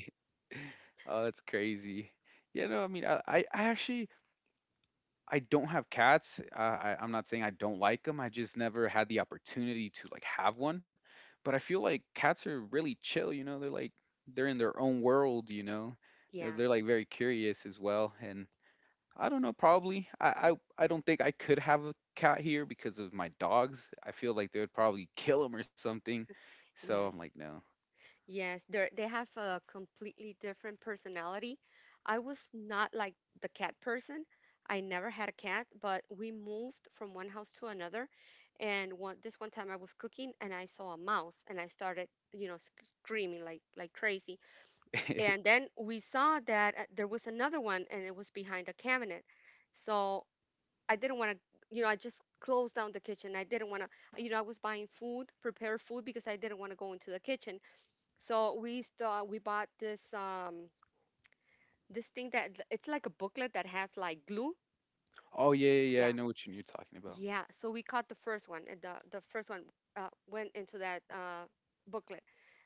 Oh, that's crazy. Yeah, no, I mean, I actually I don't have cats. I'm not saying I don't like them. I just never had the opportunity to like have one. But I feel like cats are really chill. They're in their own world. They're
Yeah.
they're, like very curious as well, and I don't know, probably. I don't think I could have a cat here because of my dogs. I feel like they would probably kill them or something. So I'm
Yes.
like, no.
Yes, they have a completely different personality. I was not like the cat person. I never had a cat, but we moved from one house to another, and one time I was cooking and I saw a mouse, and I started, screaming like crazy. And then we saw that there was another one, and it was behind a cabinet. So I didn't want to, I just closed down the kitchen. I didn't want to, I was buying food, prepared food, because I didn't want to go into the kitchen. So we bought this thing that it's like a booklet that has like glue.
Oh, yeah, yeah, yeah.
Yeah.
I know what you're talking about.
Yeah, so we caught the first one, and the first one went into that booklet.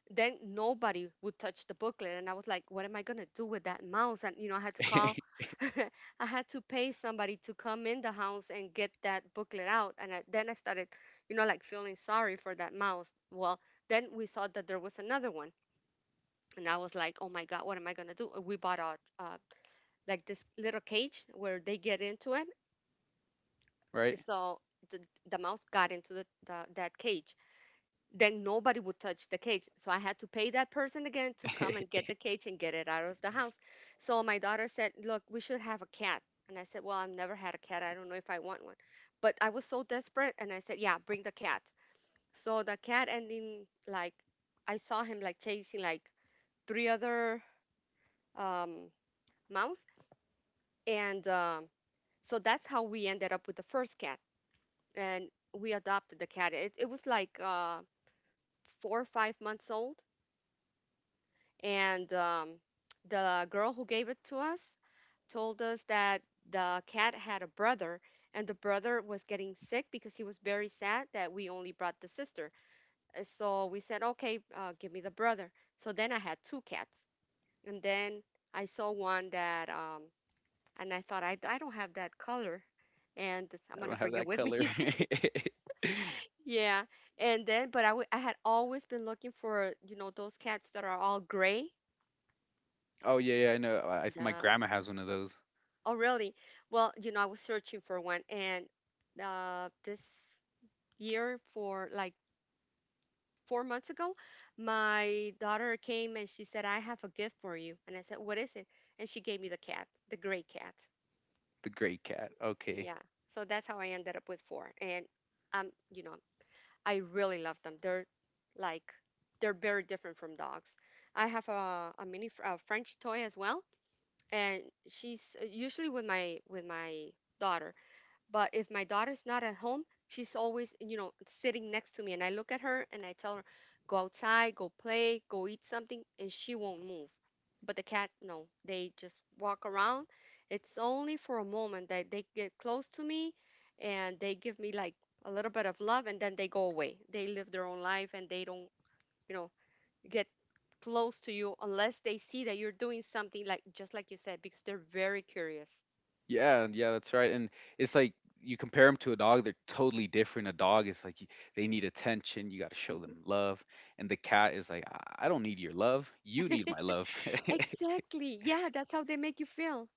Then nobody would touch the booklet, and I was like, "What am I gonna do with that mouse?" And I had to call, I had to pay somebody to come in the house and get that booklet out. And then I started, like, feeling sorry for that mouse. Well, then we saw that there was another one, and I was like, "Oh my God, what am I gonna do?" And we bought a, like this little cage where they get into it.
Right?
So the the mouse got into the that cage. Then nobody would touch the cage. So I had to pay that person again to come and get the cage and get it out of the house. So my daughter said, "Look, we should have a cat." And I said, "Well, I've never had a cat. "I don't know if I want one." But I was so desperate, and I said, "Yeah, bring the cat." So the cat ending like I saw him like chasing like three other um, mouse. And so that's how we ended up with the first cat, and we adopted the cat. It was like 4 or 5 months old. And the girl who gave it to us told us that the cat had a brother, and the brother was getting sick because he was very sad that we only brought the sister. So we said, "Okay, give me the brother." So then I had two cats. And then I saw one that and I thought, I don't have that color and I'm
I don't
gonna
have
bring it
that
with
color.
me. Yeah. And then, but I had always been looking for those cats that are all gray.
Oh, yeah, yeah. I know. My
The
grandma has one of those.
Oh, really? Well, I was searching for one. And this year, for like 4 months ago, my daughter came and she said, "I have a gift for you." And I said, "What is it?" And she gave me the cat, the gray cat.
The gray cat. Okay.
Yeah. So that's how I ended up with four. And um, you know, I really love them. Like they're very different from dogs. I have a French toy as well, and she's usually with my daughter. But if my daughter's not at home, she's always, sitting next to me. And I look at her and I tell her, "Go outside, go play, go eat something," and she won't move. But the cat, no, they just walk around. It's only for a moment that they get close to me and they give me like a little bit of love, and then they go away. They live their own life and they don't, you know, get close to you unless they see that you're doing something, like just like you said, because they're very curious.
Yeah, yeah, that's right. And it's like you compare them to a dog, they're totally different. A dog is like they need attention, you got to show them love. And the cat is like, I don't need your love, you need my love.
Exactly. Yeah, that's how they make you feel.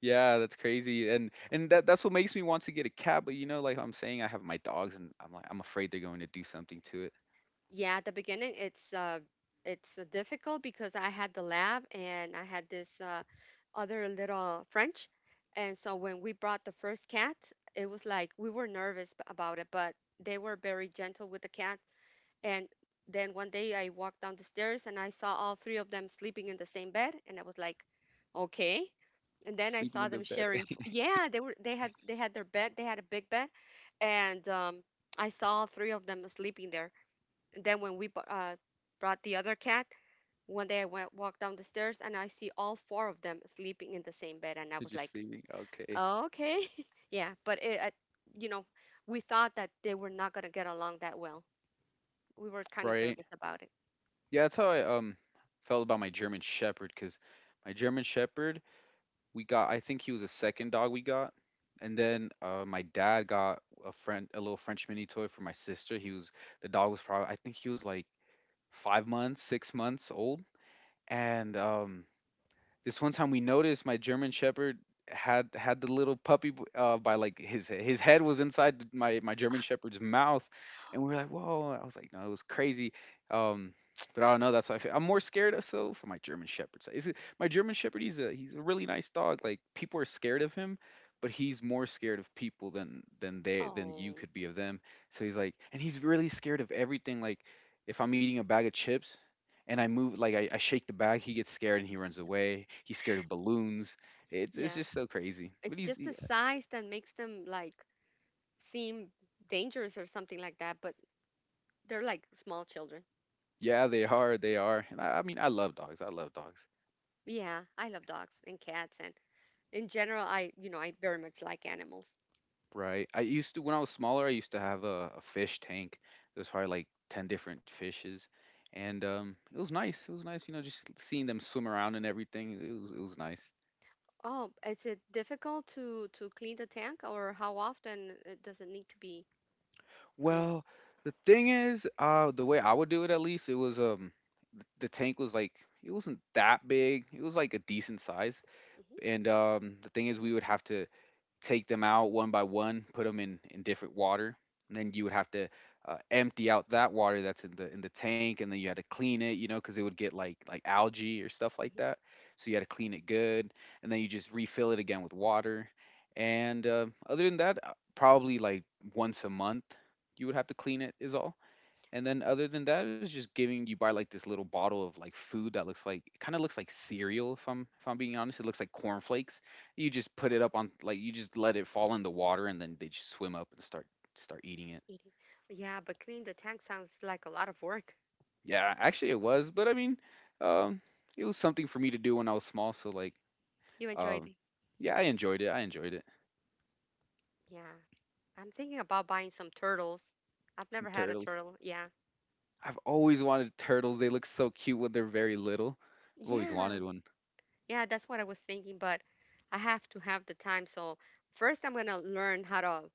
Yeah, that's crazy. And that's what makes me want to get a cat, but like I'm saying, I have my dogs and I'm like I'm afraid they're going to do something to it.
Yeah, at the beginning it's difficult because I had the lab and I had this other little French. And so when we brought the first cat, it was like we were nervous about it, but they were very gentle with the cat. And then one day I walked down the stairs and I saw all three of them sleeping in the same bed, and I was like, "Okay." And then I
Sleeping
saw
in the
them
bed.
sharing f- Yeah, they had their bed. They had a big bed, and I saw all three of them sleeping there. And then when we brought the other cat, one day I went walked down the stairs and I see all four of them sleeping in the same bed, and I
They're
was
just
like,
sleeping. Okay.
"Okay." Yeah, but it, I, you know, we thought that they were not going to get along that well. We were kind of
Right.
nervous about it.
Yeah, that's how I felt about my German Shepherd. Cause my German Shepherd we got, I think he was the second dog we got. And then my dad got a friend a little French mini toy for my sister. He was The dog was probably, I think he was like 5 months, 6 months old. And this one time we noticed my German Shepherd had had the little puppy by like his head was inside my German Shepherd's mouth, and we were like, whoa! I was like, no, it was crazy. Um, but I don't know. That's why I feel. I'm more scared of so for my German Shepherd. So is it my German Shepherd? He's a really nice dog. Like people are scared of him, but he's more scared of people than they than you
Oh,
could be of them. So he's like, and he's really scared of everything. Like if I'm eating a bag of chips, and I move like I shake the bag. He gets scared and he runs away. He's scared of balloons. It's
yeah.
just so crazy. But
It's just the size that makes them like seem dangerous or something like that, but they're like small children.
yeah, they are. And I mean I love dogs. I love dogs.
Yeah, I love dogs and cats, and in general I very much like animals.
Right. I used to when I was smaller. I used to have a fish tank. There was probably like 10 different fishes, and it was nice. It was nice. You know, just seeing them swim around and everything. It was nice.
Oh, is it difficult to clean the tank, or how often does it need to be clean?
Well, the thing is, the way I would do it at least, it was the tank was like it wasn't that big. It was like a decent size.
Hmm.
And the thing is we would have to take them out one by one, put them in different water, and then you would have to empty out that water that's in the tank, and then you had to clean it, because it would get like algae or stuff like
Hmm.
that, so you had to clean it good, and then you just refill it again with water. And other than that, probably like once a month you would have to clean it is all. And then other than that, it's just giving you buy like this little bottle of like food that looks like it kind of looks like cereal, if I'm being honest. It looks like cornflakes. You just put it up on like you just let it fall in the water, and then they just swim up and start eating it.
Eating. Yeah, but clean the tank sounds like a lot of work.
Yeah, actually it was, but I mean, um it was something for me to do when I was small, so like
You enjoyed
um
it?
yeah, I enjoyed it. I enjoyed it.
Yeah. I'm thinking about buying some turtles. I've never
Some
had a
turtles.
turtle. Yeah.
I've always wanted turtles. They look so cute when they're very little. I've always
Yeah.
wanted one.
Yeah, that's what I was thinking, but I have to have the time. So first, I'm gonna learn how to,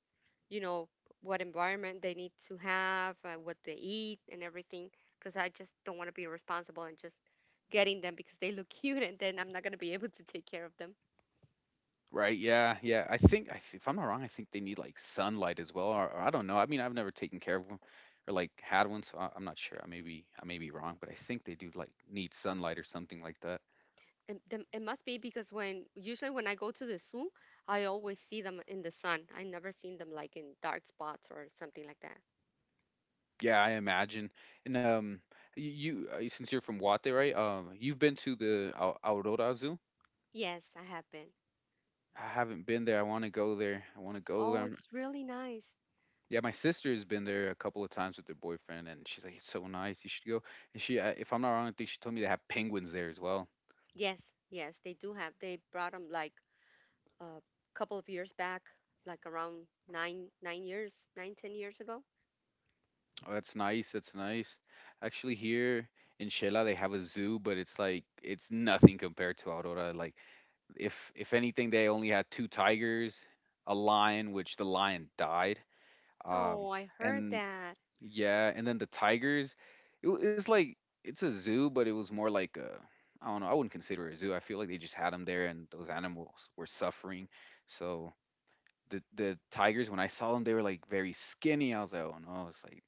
you know, what environment they need to have, what they eat, and everything. Because I just don't want to be irresponsible and just getting them because they look cute, and then I'm not gonna be able to take care of them.
Right, yeah, yeah. I think I th if I'm not wrong, I think they need like sunlight as well, or I don't know. I mean, I've never taken care of them or like had one, so I'm not sure. I may be wrong, but I think they do like need sunlight or something like that.
And them, it must be because when usually when I go to the zoo, I always see them in the sun. I never seen them like in dark spots or something like that.
Yeah, I imagine. And y- you since you're from Guate, right? You've been to the Aurora Zoo?
Yes, I have been.
I haven't been there. I want to go there. I want to go there.
Oh, it's really nice.
Yeah, my sister has been there a couple of times with her boyfriend, and she's like, "It's so nice. You should go." And she, if I'm not wrong, I think she told me they have penguins there as well.
Yes, yes, they do have. They brought them like a couple of years back, like around nine, 9 years, nine, 10 years ago.
Oh, that's nice. That's nice. Actually, here in Shela, they have a zoo, but it's nothing compared to Aurora. Like, if anything, they only had two tigers, a lion, which the lion died.
Oh,
Um,
I heard
and
that.
yeah, and then the tigers. It's like it's a zoo, but it was more like a, I don't know. I wouldn't consider it a zoo. I feel like they just had them there, and those animals were suffering. So the tigers, when I saw them, they were like very skinny. I was like, oh no, it's like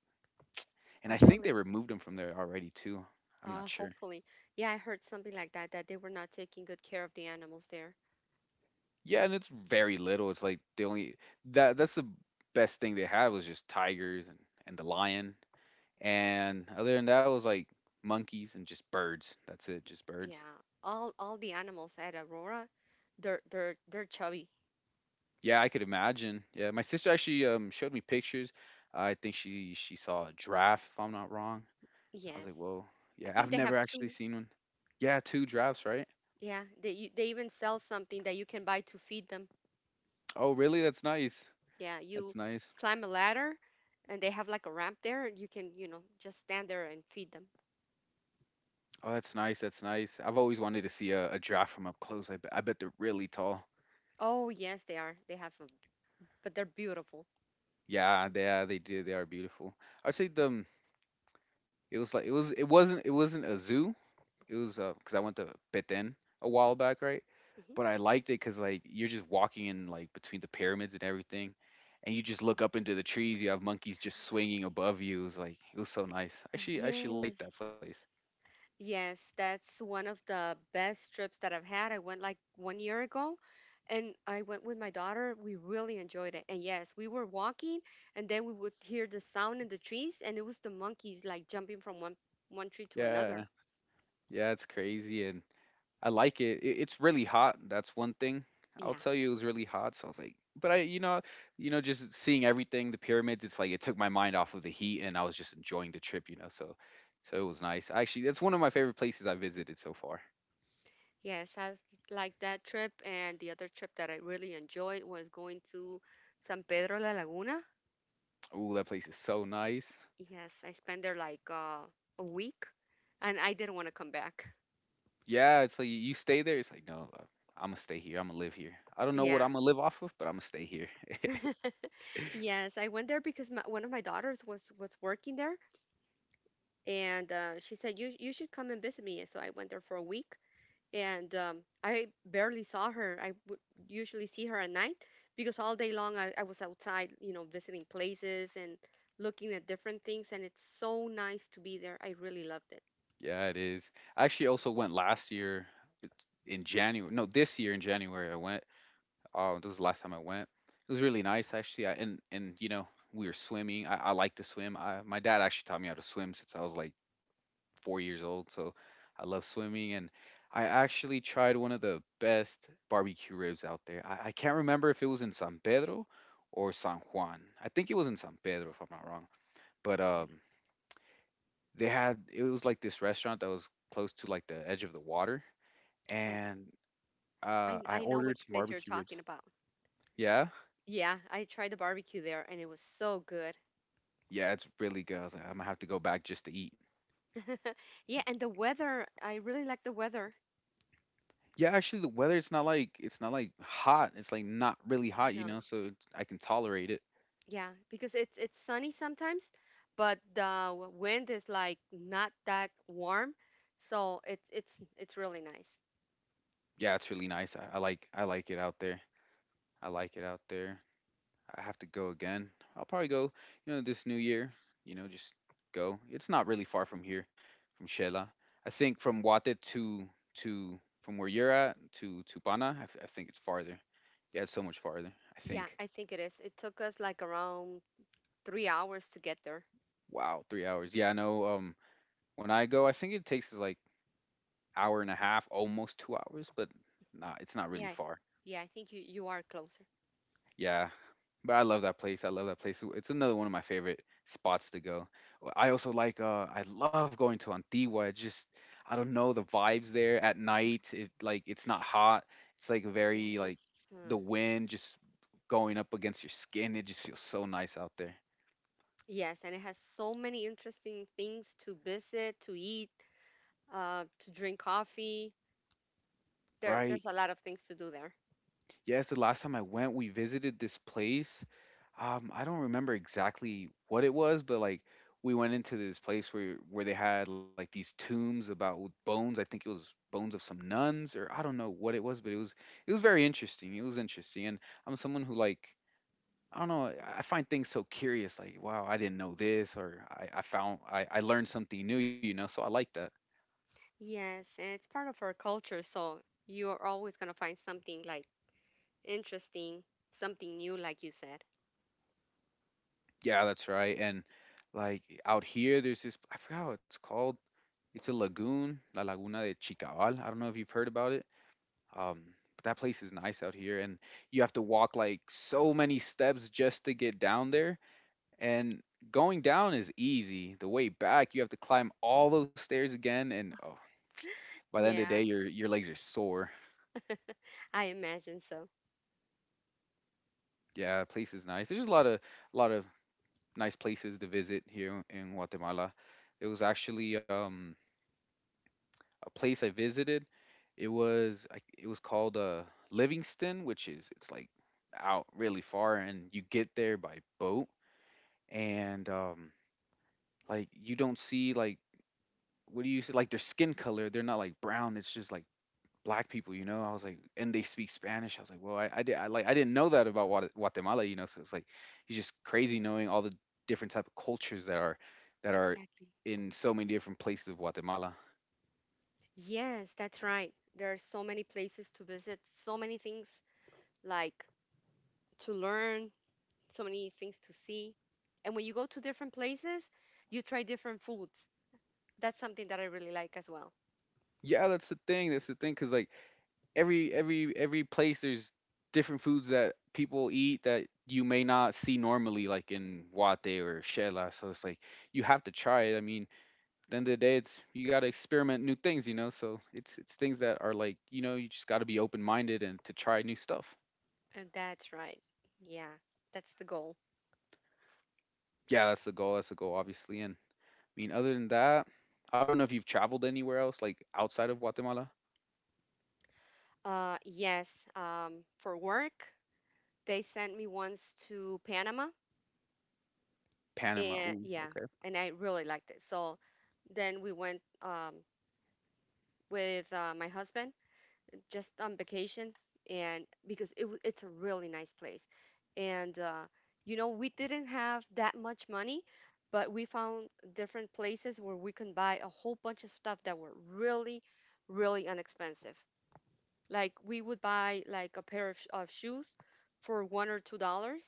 and I
Oh,
think they
really?
removed him from there already too. I'm not sure.
Hopefully. Yeah, I heard something like that, that they were not taking good care of the animals there.
Yeah, and it's very little. It's like the only that that's the best thing they had was just tigers and the lion. And other than that was like monkeys and just birds. That's it, just birds.
Yeah, all the animals at Aurora, they're chubby.
Yeah, I could imagine. Yeah, my sister actually showed me pictures. I think she saw a giraffe, if I'm not wrong. I was
Yes,
like, "Whoa.
I
Yeah, I've
think they have
never actually
two.
seen one." Yeah, two giraffes, right?
Yeah, they even sell something that you can buy to feed them.
Oh, really? That's nice.
Yeah,
That's
you
nice.
climb a ladder, and they have like a ramp there. You can just stand there and feed them.
Oh, that's nice. That's nice. I've always wanted to see a giraffe from up close. I bet they're really tall.
Oh, yes, they are. But they're beautiful.
Yeah, they are, they do. They are beautiful. I'd say the it wasn't a zoo. It was 'cause because I went to Petén a while back, right?
Hmm.
But I liked it because like you're just walking in like between the pyramids and everything, and you just look up into the trees. You have monkeys just swinging above you. It was like it was so nice. I actually liked
Yes.
that place.
Yes, that's one of the best trips that I've had. I went like one year ago and I went with my daughter. We really enjoyed it. And yes, we were walking and then we would hear the sound in the trees, and it was the monkeys like jumping from one tree to
Yeah,
another.
yeah, it's crazy, and I like it. It's really hot. That's one thing. I'll
Yeah.
tell you, it was really hot. So I was like, but I, just seeing everything, the pyramids. It's like it took my mind off of the heat, and I was just enjoying the trip. You know, so it was nice. Actually, that's one of my favorite places I visited so far.
Yes, I've liked that trip, and the other trip that I really enjoyed was going to San Pedro La Laguna.
Ooh, that place is so nice.
Yes, I spent there like a week and I didn't want to come back.
Yeah, it's like you stay there. It's like no, I'm gonna stay here. I'm gonna live here. I don't know what
Yeah.
I'm gonna live off of, but I'm gonna stay here.
Yes, I went there because one of my daughters was working there, and she said you should come and visit me. So I went there for a week, and I barely saw her. I would usually see her at night because all day long I was outside, you know, visiting places and looking at different things, and it's so nice to be there. I really loved it.
Yeah, it is. I actually also went last year in January. No, this year in January I went. Oh, this was the last time I went. It was really nice actually. I, and you know, we were swimming. I like to swim. My dad actually taught me how to swim since I was like 4 years old, so I love swimming. And I actually tried one of the best barbecue ribs out there. I can't remember if it was in San Pedro or San Juan. I think it was in San Pedro, if I'm not wrong. But they had it was like this restaurant that was close to like the edge of the water,
Uh,
and
I
I
I know
ordered
which
some
place you're
barbecue ribs.
talking about.
Yeah.
Yeah, I tried the barbecue there and it was so good.
Yeah, it's really good. I was like, I'm gonna have to go back just to eat.
Yeah, and the weather, I really like the weather.
Yeah, actually, the weather it's not like hot. It's like not really hot, you know,
No.
so I can tolerate it.
Yeah, because it's sunny sometimes, but the wind is like not that warm, so it's really nice.
Yeah, it's really nice. I like it out there. I like it out there. I have to go again. I'll probably go, this new year. Just go. It's not really far from here, from Shela. I think from Wate to from where you're at to Pana, I think it's farther. Yeah, it's so much farther. I
Yeah,
think.
I think it is. It took us like around 3 hours to get there.
Wow, 3 hours. Yeah, I know. When I go, I think it takes us, like hour and a half, almost 2 hours, but nah, it's not really
Yeah.
far.
Yeah, I think you are closer.
Yeah, but I love that place. I love that place. It's another one of my favorite spots to go. I also like. I love going to Antigua. It just I don't know the vibes there at night. It's not hot. It's like very like
Yes. Huh.
the wind just going up against your skin. It just feels so nice out there,
Yes, and it has so many interesting things to visit, to eat, to drink coffee. there
right?
there's a lot of things to do there.
Yes, the last time I went, we visited this place. I don't remember exactly what it was, but like we went into this place where they had like these tombs about with bones. I think it was bones of some nuns or I don't know what it was, but it was very interesting. It was interesting, and I'm someone who like I don't know. I find things so curious. Like, wow, I didn't know this, or I learned something new. So I like that.
Yes, and it's part of our culture, so you're always gonna find something like interesting, something new, like you said.
Yeah, that's right. And like out here, there's this, I forgot what it's called. It's a lagoon, La Laguna de Chicabal. I don't know if you've heard about it. Um, but that place is nice out here. And you have to walk like so many steps just to get down there. And going down is easy. The way back, you have to climb all those stairs again. And oh, by the end of the day,
Yeah,
your legs are sore.
I imagine so.
Yeah, the place is nice. There's just a lot of nice places to visit here in Guatemala. It was actually a place I visited. It was called Livingston, which is it's like out really far, and you get there by boat, and like you don't see like what do you see like their skin color? They're not like brown. It's just like black people. I was like, and they speak Spanish. I was like, well, I didn't know that about Guatemala. So it's just crazy knowing all the different type of cultures that are
Exactly.
in so many different places of Guatemala.
Yes, that's right. There are so many places to visit, so many things like to learn, so many things to see. And when you go to different places, you try different foods. That's something that I really like as well.
Yeah, that's the thing. That's the thing, cause like every place there's different foods that people eat that you may not see normally like in Wate or Shela. So it's like you have to try it. I mean, at the end of the day it's you gotta experiment new things. So it's things that are like, you just gotta be open minded and to try new stuff.
And that's right. Yeah, that's the goal.
Yeah, that's the goal obviously. And I mean other than that, I don't know if you've traveled anywhere else, like outside of Guatemala.
Yes, for work, they sent me once to Panama,
Panama.
and
Ooh,
yeah,
okay.
and I really liked it. So then we went with my husband, just on vacation, and because it's a really nice place, and we didn't have that much money, but we found different places where we can buy a whole bunch of stuff that were really, really inexpensive. Like we would buy like a pair of shoes for $1 or $2.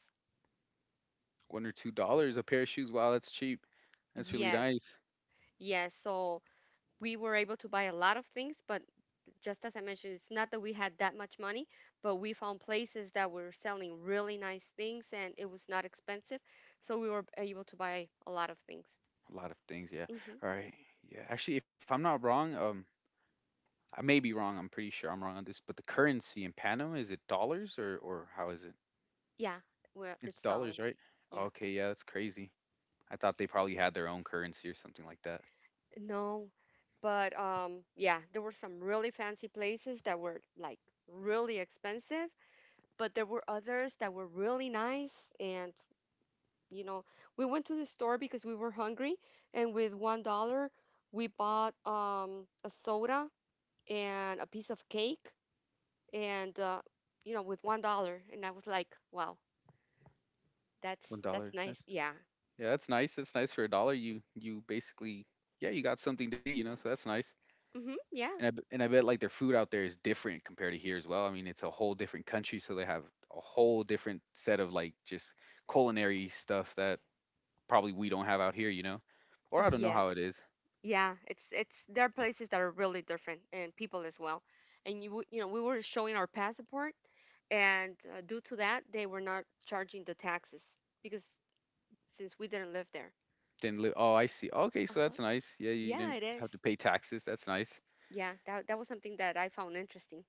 $1 or $2 a pair of shoes. Wow, that's cheap. That's really
Yes,
nice.
yes. So we were able to buy a lot of things, but just as I mentioned, it's not that we had that much money, but we found places that were selling really nice things and it was not expensive. So we were able to buy a lot of things.
A lot of things, yeah.
Hmm.
All right. Yeah. Actually, if I'm not wrong, I may be wrong. I'm pretty sure I'm wrong on this, but the currency in Panama, is it dollars or how is it?
Yeah, well,
It's
it's
dollars,
dollars.
right?
Yeah.
Okay, yeah, that's crazy. I thought they probably had their own currency or something like that.
No, but yeah, there were some really fancy places that were like really expensive. But there were others that were really nice, and you know we went to the store because we were hungry, and with $1 we bought a soda and a piece of cake. And with $1, and I was like, "Wow, that's
One
that's
dollar.
nice."
That's
Yeah.
Yeah, that's nice. That's nice for a dollar. You basically, yeah, you got something to eat, so that's nice.
Mm-hmm. Yeah.
And I bet like their food out there is different compared to here as well. I mean, it's a whole different country, so they have a whole different set of like just culinary stuff that probably we don't have out here, you know? Or I don't know how it
Yes.
is.
Yeah, it's there are places that are really different, and people as well. And you w- you know we were showing our passport, and due to that they were not charging the taxes because since we didn't live there.
Then oh, I see. Okay, so
Uh-huh.
that's nice. Yeah, you didn't
Yeah, it
have to
is.
pay taxes. That's nice.
Yeah, that was something that I found interesting.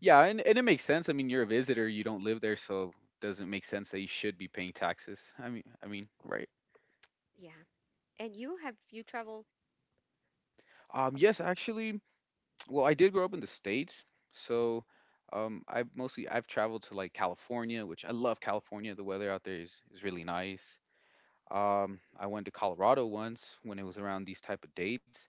Yeah, and it makes sense. I mean, you're a visitor, you don't live there, so doesn't make sense that you should be paying taxes. I mean, right.
Yeah. And you, have you traveled
Yes,
outside?
actually, well, I did grow up in the States. So, I've traveled to like California, which I love California. The weather out there is really nice. I went to Colorado once when it was around these type of dates.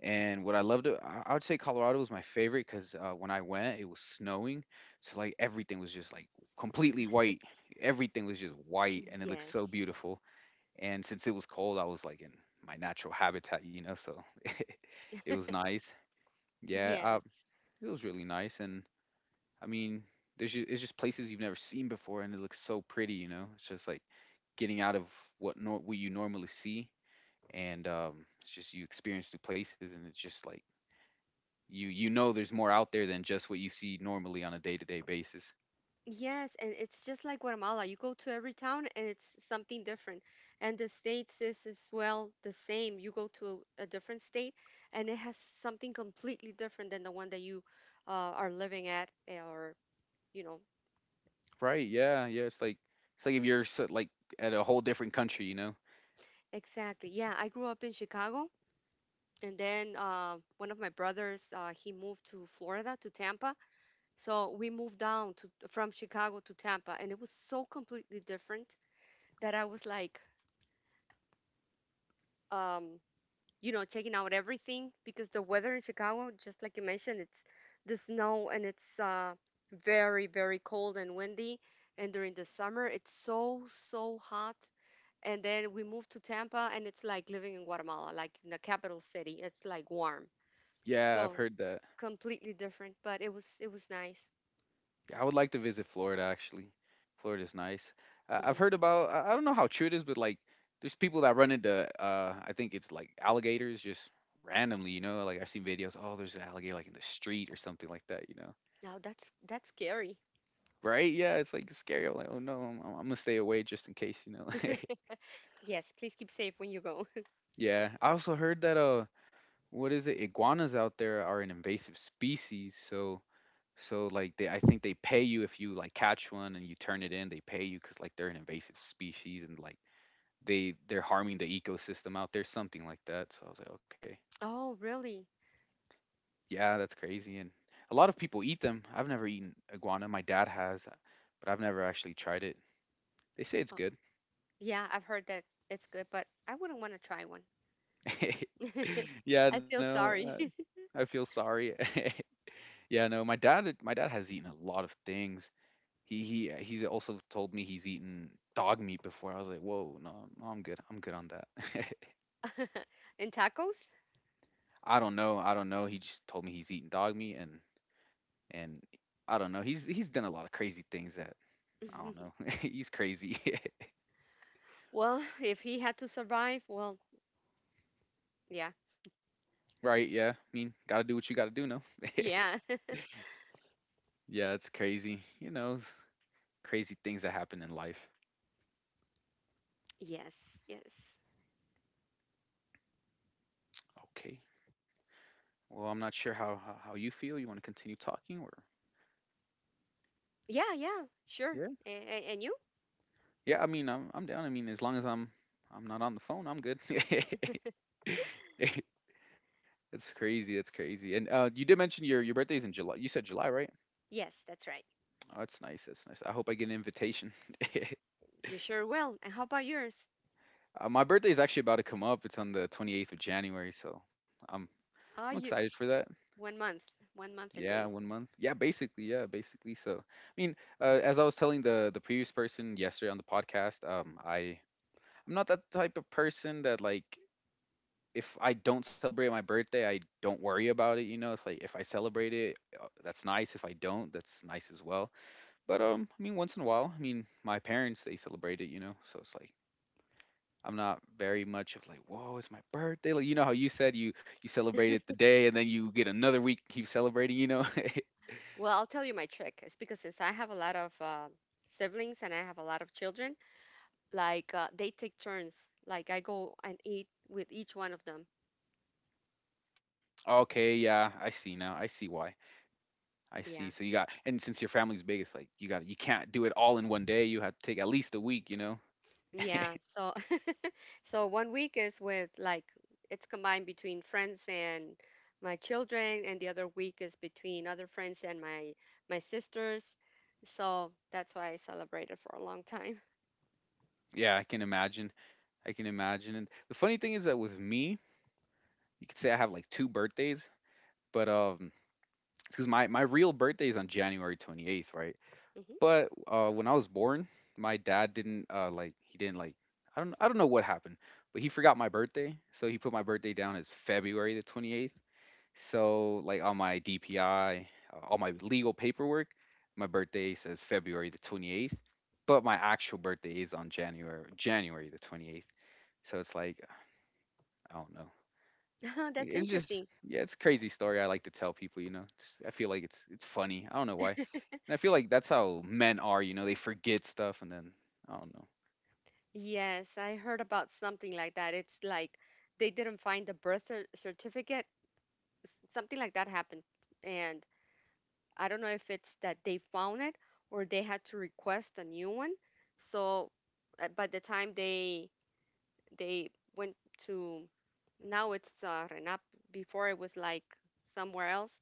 And what I loved, I would say Colorado was my favorite because when I went, it was snowing, so like everything was just like completely white. Everything was just white, and it looked
Yes.
so beautiful. And since it was cold, I was like in my natural habitat, so it was nice. Yeah,
Yes.
it was really nice. And I mean, there's just, it's just places you've never seen before, and it looks so pretty. It's just like getting out of what nor what you normally see, and it's just you experience new places, and it's just like you know there's more out there than just what you see normally on a day-to-day basis.
Yes, and it's just like Guatemala. You go to every town and it's something different. And the states is as well the same. You go to a different state and it has something completely different than the one that you are living at eh, or, you know.
Right. Yeah. Yeah, it's like if you're so, like at a whole different country.
Exactly. Yeah, I grew up in Chicago and then one of my brothers he moved to Florida, to Tampa. So we moved down to from Chicago to Tampa, and it was so completely different that I was like, um, checking out everything, because the weather in Chicago, just like you mentioned, it's the snow, and it's very, very cold and windy. And during the summer it's so, so hot. And then we moved to Tampa and it's like living in Guatemala, like in the capital city, it's like warm.
Yeah, I've
So
heard that.
completely different, but it was nice.
I would like to visit Florida actually. Florida's nice. I I've heard
Yes.
about I don't know how true it is, but like there's people that run into I think it's like alligators just randomly. Like I've seen videos, oh, there's an alligator like in the street or something like that.
Now that's scary.
Right? Yeah, it's like scary. I'm like, oh no, I'm gonna stay away just in case.
Yes, please keep safe when you go.
Yeah, I also heard that what is it? Iguanas out there are an invasive species, so like they I think they pay you if you like catch one and you turn it in, they pay you cuz like they're an invasive species and like they're harming the ecosystem out there, something like that. So I was like, okay.
Oh, really?
Yeah, that's crazy and a lot of people eat them. I've never eaten iguana. My dad has, but I've never actually tried it. They say it's
Oh,
good.
yeah, I've heard that it's good, but I wouldn't want to try one.
yeah,
I feel
no.
sorry.
I feel sorry. yeah, no. My dad has eaten a lot of things. He's also told me he's eaten dog meat before. I was like, whoa, no, no, I'm good. I'm good on that.
And tacos?
I don't know. I don't know. He just told me he's eaten dog meat and I don't know. He's done a lot of crazy things that I don't know. He's crazy,
Well, if he had to survive, well, yeah.
right? Yeah. I mean, gotta do what you gotta do. No.
Yeah.
Yeah, it's crazy. Crazy things that happen in life.
Yes, yes.
Okay. Well, I'm not sure how you feel. You want to continue talking, or?
Yeah, yeah, sure. And you?
Yeah, I mean, I'm down. I mean, as long as I'm not on the phone, I'm good. That's crazy. That's crazy. And you did mention your birthday's in July. You said July, right?
Yes, that's right.
Oh, that's nice. That's nice. I hope I get an invitation.
You sure will. And how about yours?
My birthday is actually about to come up. It's on the 28th of January, so I'm I'm
Ah,
excited
you
for that.
1 month, 1 month and
Yeah,
days.
one month. Yeah, basically. Yeah, basically. So, I mean, as I was telling the previous person yesterday on the podcast, I'm not that type of person that like if I don't celebrate my birthday, I don't worry about it. It's like if I celebrate it, that's nice. If I don't, that's nice as well. But I mean, once in a while, I mean, my parents they celebrate it. So it's like I'm not very much of like, whoa, it's my birthday. Like you know how you said you celebrated the day and then you get another week to keep celebrating.
Well, I'll tell you my trick. It's because since I have a lot of siblings, and I have a lot of children, like they take turns. Like I go and eat with each one of them.
Okay, yeah, I see now. I see why. I
Yeah.
see. So you got, and since your family's big, it's like to you can't do it all in one day. You have to take at least a week. You know.
Yeah. So so 1 week is with like it's combined between friends and my children, and the other week is between other friends and my sisters. So that's why I celebrated for a long time.
Yeah, I can imagine. I can imagine. And the funny thing is that with me, you could say I have like two birthdays, but because my real birthday is on January 28th, right?
hmm
But when I was born, my dad didn't like he didn't like I don't know what happened, but he forgot my birthday, so he put my birthday down as February the 28th. So like on my DPI, all my legal paperwork, my birthday says February the 28th, but my actual birthday is on January the 28th. So it's like I don't know.
That's
It's just
interesting.
Yeah, it's a crazy story I like to tell people. I feel like it's funny. I don't know why. And I feel like that's how men are, they forget stuff and then I don't know.
Yes, I heard about something like that. It's like they didn't find the certificate. Something like that happened. And I don't know if it's that they found it or they had to request a new one. So by the time they went to, now it's Renap. Before it was like somewhere else,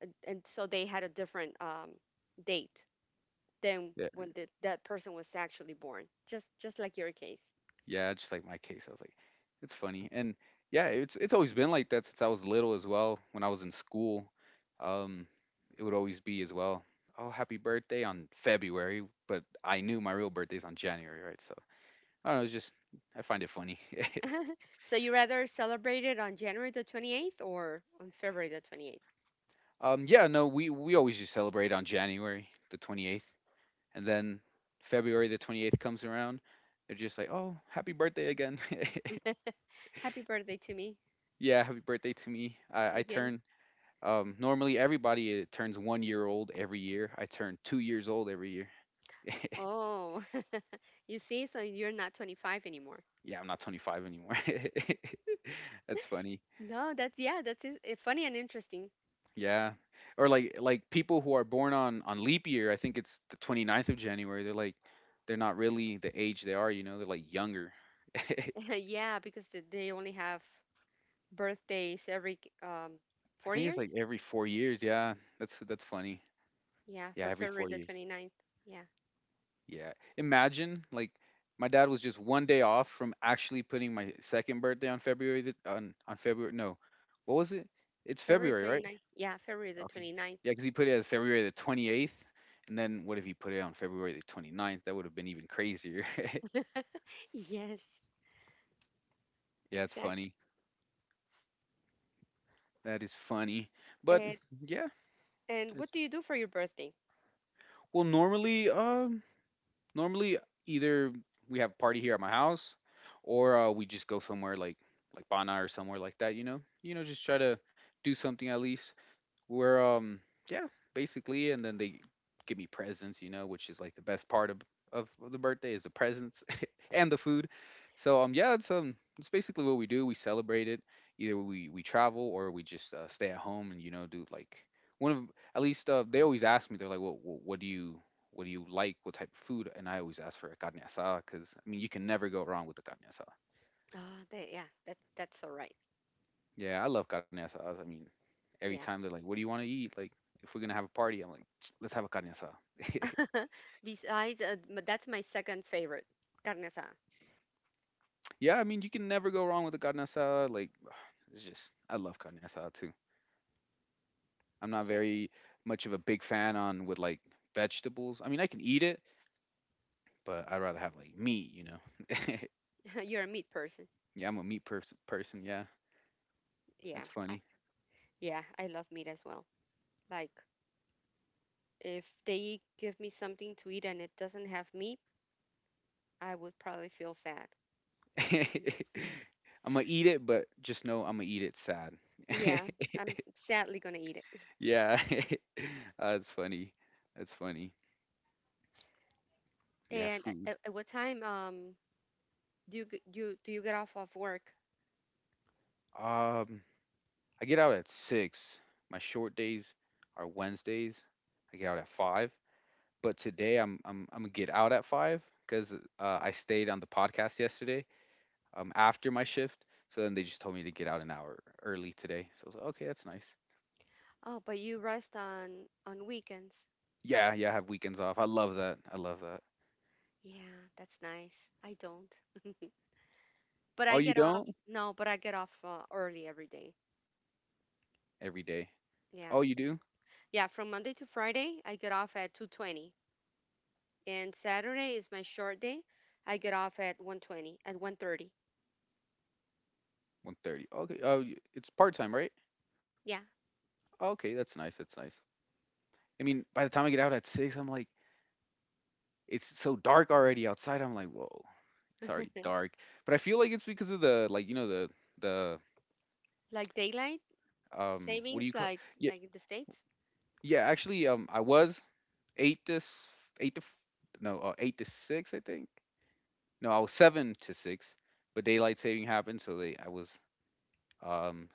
and so they had a different date than
Yeah.
when the, that person was actually born. Just like your case.
Yeah, just like my case. I was like, it's funny. And yeah, it's always been like that since I was little as well. When I was in school, um, it would always be as well, oh, happy birthday on February, but I knew my real birthday's on January, right? So I don't know, it's just I find it funny.
So you rather celebrate it on January the 28th or on February the 28th?
Yeah, no, we always just celebrate on January the 28th. And then February the 28th comes around, they're just like, "Oh, happy birthday again."
Happy birthday to me
Yeah, happy birthday to me. I
again.
turn, normally everybody, turns 1 year old every year. I turn 2 years old every year.
Oh, you see, so you're not 25 anymore.
Yeah, I'm not 25 anymore. That's funny.
No, that's, yeah, that's funny and interesting.
Yeah. Or like people who are born on leap year, I think it's the twenty ninth of January. They're like they're not really the age they are, you know. They're like younger.
Yeah, because they only have birthdays every
I
four
think it's like
years.
every 4 years. Yeah. That's funny.
Yeah,
Yeah,
for
every
February
4
the
years.
29th. Yeah,
Yeah. Imagine like my dad was just one day off from actually putting my second birthday on on February. No, what was it? It's
February
February, right?
29th. Yeah, February the
Okay.
29th.
Yeah, cuz he put it as February the 28th, and then what if he put it on February the 29th? That would have been even crazier.
Yes,
Yeah, it's
exactly.
funny. That is funny. But
And
yeah.
and what do you do for your birthday?
Well, normally, either we have a party here at my house, or we just go somewhere like Bana or somewhere like that, you know? You know, just try to do something at least. We're, yeah, basically, and then they give me presents, which is like the best part of the birthday is the presents. And the food. So, yeah, it's, it's basically what we do. We celebrate it. Either we travel, or we just stay at home and, you know, do like one of, at least they always ask me, they're like, what do you like, what type of food? And I always ask for a carne asada, because I mean, you can never go wrong with the carne.
Oh, that, yeah, that's all right.
Yeah, I love carne asada. I mean, every
Yeah.
time they're like, "What do you want to eat?" Like, if we're gonna have a party, I'm like, "Let's have a carne asada."
Besides, that's my second favorite, carne asada.
Yeah, I mean, you can never go wrong with a carne asada. Like, it's just, I love carne asada too. I'm not
Yeah.
very much of a big fan on with like vegetables. I mean, I can eat it, but I'd rather have like meat. You know?
You're a meat person.
Yeah, I'm a meat person. Yeah,
Yeah,
that's funny.
yeah, I love meat as well. Like, if they give me something to eat and it doesn't have meat, I would probably feel sad.
I'm gonna eat it, but just know I'm gonna eat it sad.
Yeah, I'm sadly gonna eat it.
Yeah, that's funny. That's funny. Yeah,
And
food.
at what time do you g- you do you get off of work?
Um, I get out at six. My short days are Wednesdays. I get out at five. But today I'm gonna get out at five, because I stayed on the podcast yesterday, after my shift. So then they just told me to get out an hour early today. So I was like, okay, that's nice.
Oh, but you rest on weekends.
Yeah, yeah, I have weekends off. I love that. I love that.
Yeah, that's nice. I don't. But
Oh,
I
you
get off.
don't?
No, but I get off early every day.
Every day.
Yeah,
Oh, you do?
yeah, from Monday to Friday, I get off at 2:20, and Saturday is my short day. I get off at 1:20, at 1:30.
1:30. Okay. Oh, it's part time, right?
Yeah.
Okay, that's nice. That's nice. I mean, by the time I get out at six, I'm like, it's so dark already outside. I'm like, whoa, it's already dark. But I feel like it's because of the, like, the,
Like daylight
what do you call,
savings
yeah,
like in the States.
yeah, actually, I was eight to s- eight to f- no, eight to six, I think. No, I was seven to six, but daylight saving happened, so they, I was, um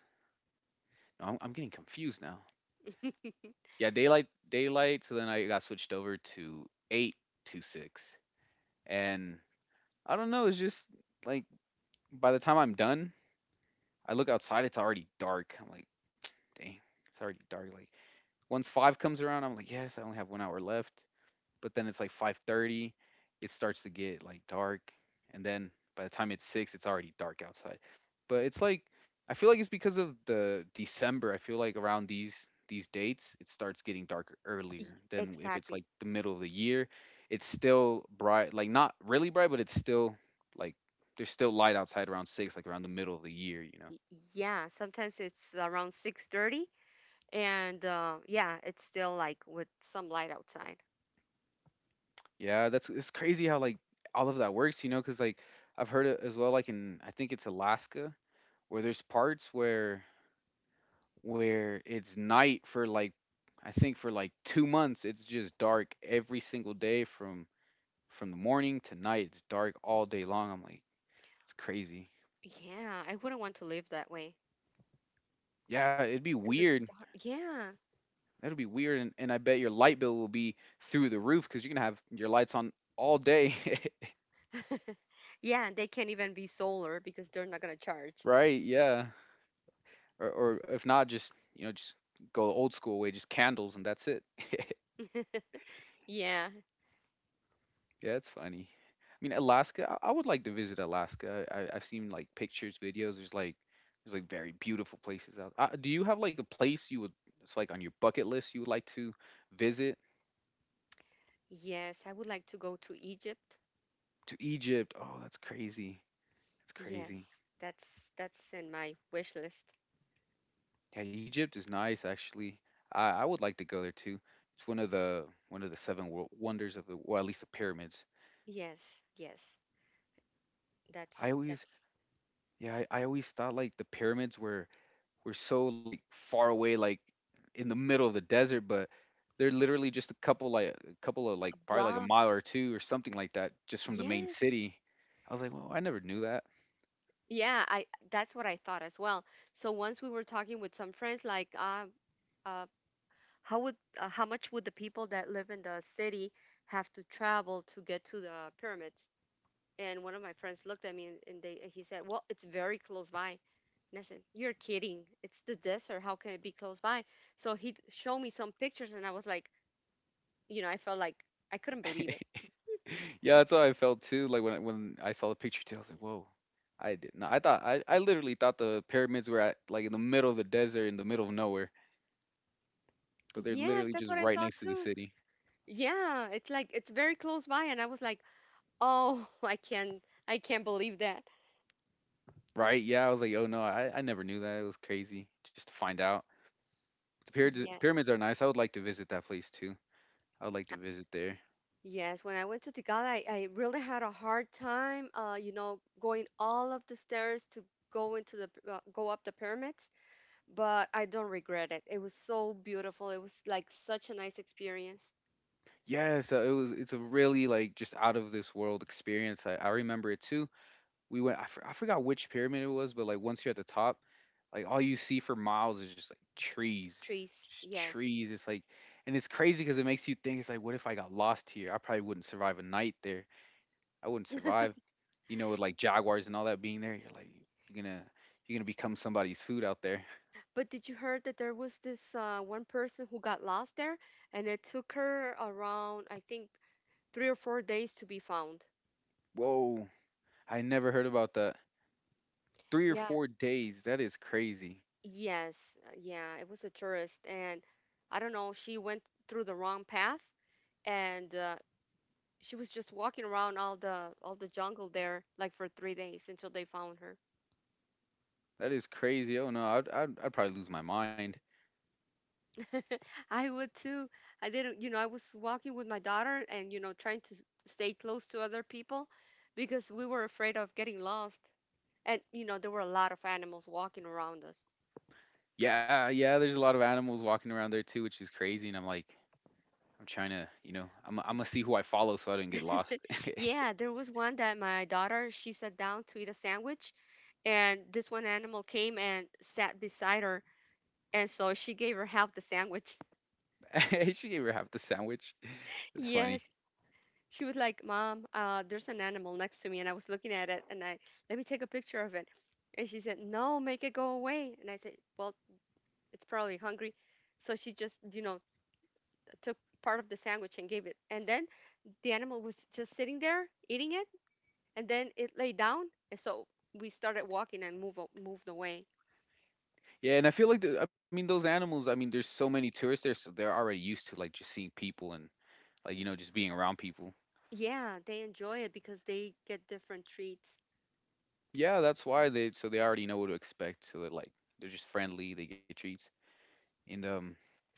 no, I'm getting confused now, yeah, daylight, so then I got switched over to eight to six, and I don't know, it's just like by the time I'm done, I look outside, it's already dark. I'm like, dang, it's already dark. Like once five comes around, I'm like, yes, I only have 1 hour left. But then it's like 5:30, it starts to get like dark, and then by the time it's six, it's already dark outside. But it's like I feel like it's because of the December. I feel like around these dates, it starts getting darker earlier than if it's
Exactly.
like the middle of the year. It's still bright, like not really bright, but it's still like there's still light outside around six, like around the middle of the year, you know.
Y- Yeah, sometimes it's around 6:30 and yeah, it's still like with some light outside.
Yeah, that's, it's crazy how like all of that works, you know, because like I've heard it as well, like in, I think it's Alaska, where there's parts where it's night for like, I think, for like 2 months it's just dark every single day from the morning to night. It's dark all day long. I'm like, it's crazy.
Yeah, I wouldn't want to live that way.
Yeah, it'd be
And the
weird.
dark, yeah.
That'd be weird, and I bet your light bill will be through the roof, because you're gonna have your lights on all day.
Yeah, and they can't even be solar because they're not gonna charge.
Right? Yeah. Or if not, just, you know, just go the old school way, just candles, and that's it.
Yeah.
Yeah, it's funny. I mean, Alaska. I would like to visit Alaska. I've seen like pictures, videos. There's like very beautiful places out. Do you have like a place you would? It's like on your bucket list you would like to visit
Yes, I would like to go to Egypt.
to Egypt. Oh, that's crazy. That's crazy.
Yes, that's that's in my wish list.
Yeah, Egypt is nice actually. I would like to go there too. It's one of the seven wonders of the, well, at least the pyramids.
Yes, yes. That's
I always,
that's
yeah, I always thought like the pyramids were we're so like far away, like in the middle of the desert, but they're literally just a couple of, like,
a
probably like a mile
blocks.
or two or something like that, just from the main
Yes.
city. I was like, "Whoa, I never knew that."
Yeah, I, that's what I thought as well. So once we were talking with some friends like uh how would how much would the people that live in the city have to travel to get to the pyramids? And one of my friends looked at me, and they and he said, "Well, it's very close by." And I said, "You're kidding! It's the desert. How can it be close by?" So he showed me some pictures, and I was like, you know, I felt like I couldn't believe it.
Yeah, that's how I felt too. Like when I saw the picture too, I was like, "Whoa." I did not. I thought, I literally thought the pyramids were at like in the middle of the desert, in the middle of nowhere, but they're
Yes,
literally
that's
just
what I
right
thought
next to the
too.
city.
Yeah, it's like it's very close by, and I was like, oh, I can't believe that.
Right? Yeah, I was like, oh no, I never knew that. It was crazy just to find out. The pyramids are
Yes.
nice. I would like to visit that place too. I would like to visit there.
Yes, when I went to Tigala, I really had a hard time, you know, going all of the stairs to go into the go up the pyramids, but I don't regret it. It was so beautiful. It was like such a nice experience.
Yeah, so it was, it's a really like just out of this world experience. I remember it too. We went. I forgot which pyramid it was, but like once you're at the top, like all you see for miles is just like trees.
Trees,
Just
yes.
trees. It's like and it's crazy cuz it makes you think, it's like, what if I got lost here? I probably wouldn't survive a night there. I wouldn't survive, you know, with like jaguars and all that being there. You're going to you're going to become somebody's food out there.
But did you heard that there was this one person who got lost there, and it took her around I think 3 or 4 days to be found.
Whoa. I never heard about that. 3 or
Yeah,
4 days. That is crazy.
yes, yeah. It was a tourist, and I don't know. She went through the wrong path, and she was just walking around all the jungle there like for 3 days until they found her.
That is crazy. Oh no, I'd probably lose my mind.
I would too. I didn't, you know, I was walking with my daughter and, you know, trying to stay close to other people because we were afraid of getting lost. And, you know, there were a lot of animals walking around us.
Yeah, yeah. There's a lot of animals walking around there too, which is crazy. And I'm like, I'm trying to, I'm gonna see who I follow so I don't get lost.
Yeah, there was one that my daughter, she sat down to eat a sandwich, and this one animal came and sat beside her. And so she gave her half the sandwich.
She gave her half the sandwich. It's funny.
Yes. She was like, "Mom, there's an animal next to me," and I was looking at it, and I let me take a picture of it. And she said, "No, make it go away." And I said, "Well, it's probably hungry," so she just, you know, took part of the sandwich and gave it. And then the animal was just sitting there eating it, and then it lay down, and so we started walking and moved away.
Yeah, and I feel like the, I mean those animals. I mean, there's so many tourists there, so they're already used to like just seeing people, and like, just being around people.
Yeah, they enjoy it because they get different treats.
Yeah, that's why they so they already know what to expect. So they're like they're just friendly. They get treats. And,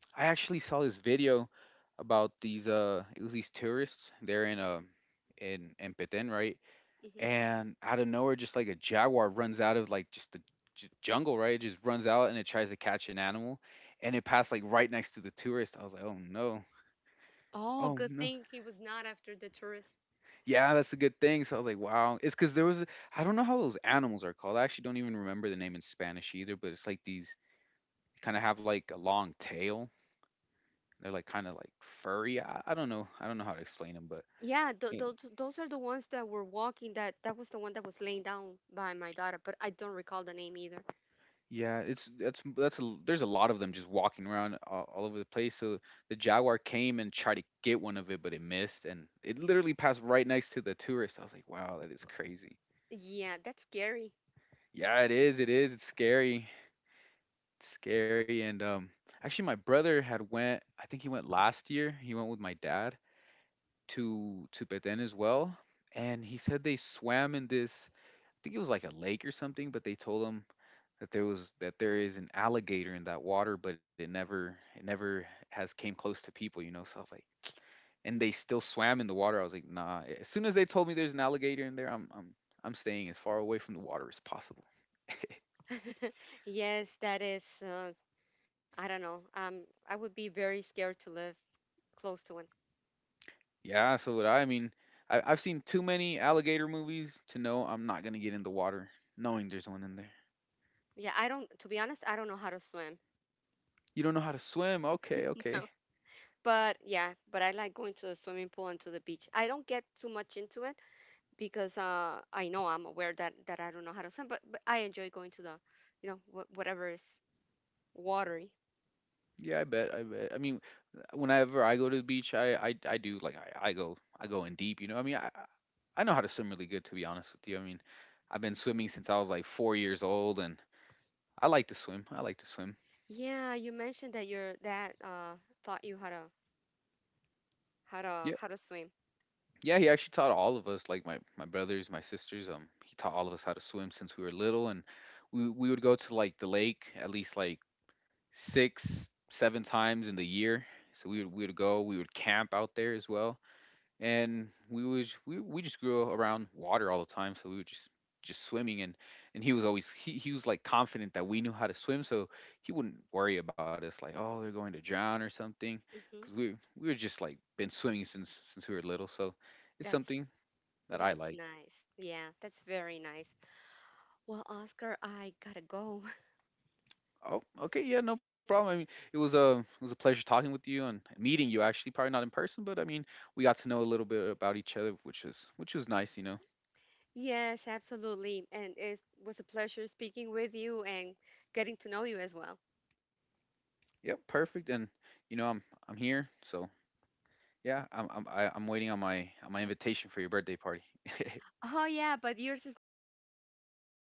I actually saw this video about these, it was these tourists, they're in, in Petén, right?
Hmm
And out of nowhere just like a jaguar runs out of like just the jungle, right? It just runs out and it tries to catch an animal, and it passed like right next to the tourist. I was like, "Oh no.
Oh,
Oh
good
no."
thing he was not after the tourist.
Yeah, that's a good thing. So I was like, "Wow." It's cuz there was, I don't know how those animals are called. I actually don't even remember the name in Spanish either, but it's like these kind of have like a long tail. They're like kind of like furry. I don't know. I don't know how to explain them, but
Yeah,
yeah,
those are the ones that were walking. That was the one that was laying down by my daughter, but I don't recall the name either.
yeah, it's, there's a lot of them just walking around all over the place. So the jaguar came and tried to get one of it, but it missed, and it literally passed right next to the tourist. I was like, wow, that is crazy.
Yeah, that's scary.
Yeah, it is. It is. It's scary. It's scary. And, actually, my brother had went. I think he went last year. He went with my dad to Petén as well, and he said they swam in this. I think it was like a lake or something, but they told him that there is an alligator in that water, but it never has came close to people, you know. So I was like, and they still swam in the water. I was like, nah. As soon as they told me there's an alligator in there, I'm staying as far away from the water as possible.
Yes, that is. I don't know. I would be very scared to live close to one.
Yeah. So what, I mean, I've seen too many alligator movies to know I'm not gonna get in the water knowing there's one in there.
Yeah, I don't. To be honest, I don't know how to swim.
You don't know how to swim? Okay,
No.
okay.
But yeah, but I like going to the swimming pool and to the beach. I don't get too much into it because I know I'm aware that I don't know how to swim. But I enjoy going to the, you know, whatever is watery.
Yeah, I bet. I bet. I mean, whenever I go to the beach, I do like, I go in deep. You know, I mean, I know how to swim really good. To be honest with you, I mean, I've been swimming since I was like 4 years old, and I like to swim. I like to swim.
Yeah, you mentioned that your dad taught you how to how to
Yeah,
how to swim.
yeah. He actually taught all of us, like my brothers, my sisters. He taught all of us how to swim since we were little, and we would go to like the lake at least like six seven times in the year. So we would go. We would camp out there as well, and we was we just grew around water all the time, so we were just swimming, and he was like confident that we knew how to swim, so he wouldn't worry about us like, oh, they're going to drown or something, because
Hmm
we were just like been swimming since we were little, so it's
That's
something that I
that's
like.
nice. Yeah, that's very nice. Well, Oscar, I gotta go.
Oh, okay, yeah, no problem. I mean, it was a pleasure talking with you and meeting you, actually, probably not in person, but I mean, we got to know a little bit about each other, which was nice, you know.
Yes, absolutely. And it was a pleasure speaking with you and getting to know you as well.
Yep, perfect. And you know, I'm here, so yeah, I'm waiting on my invitation for your birthday party.
Oh yeah, but yours is gonna come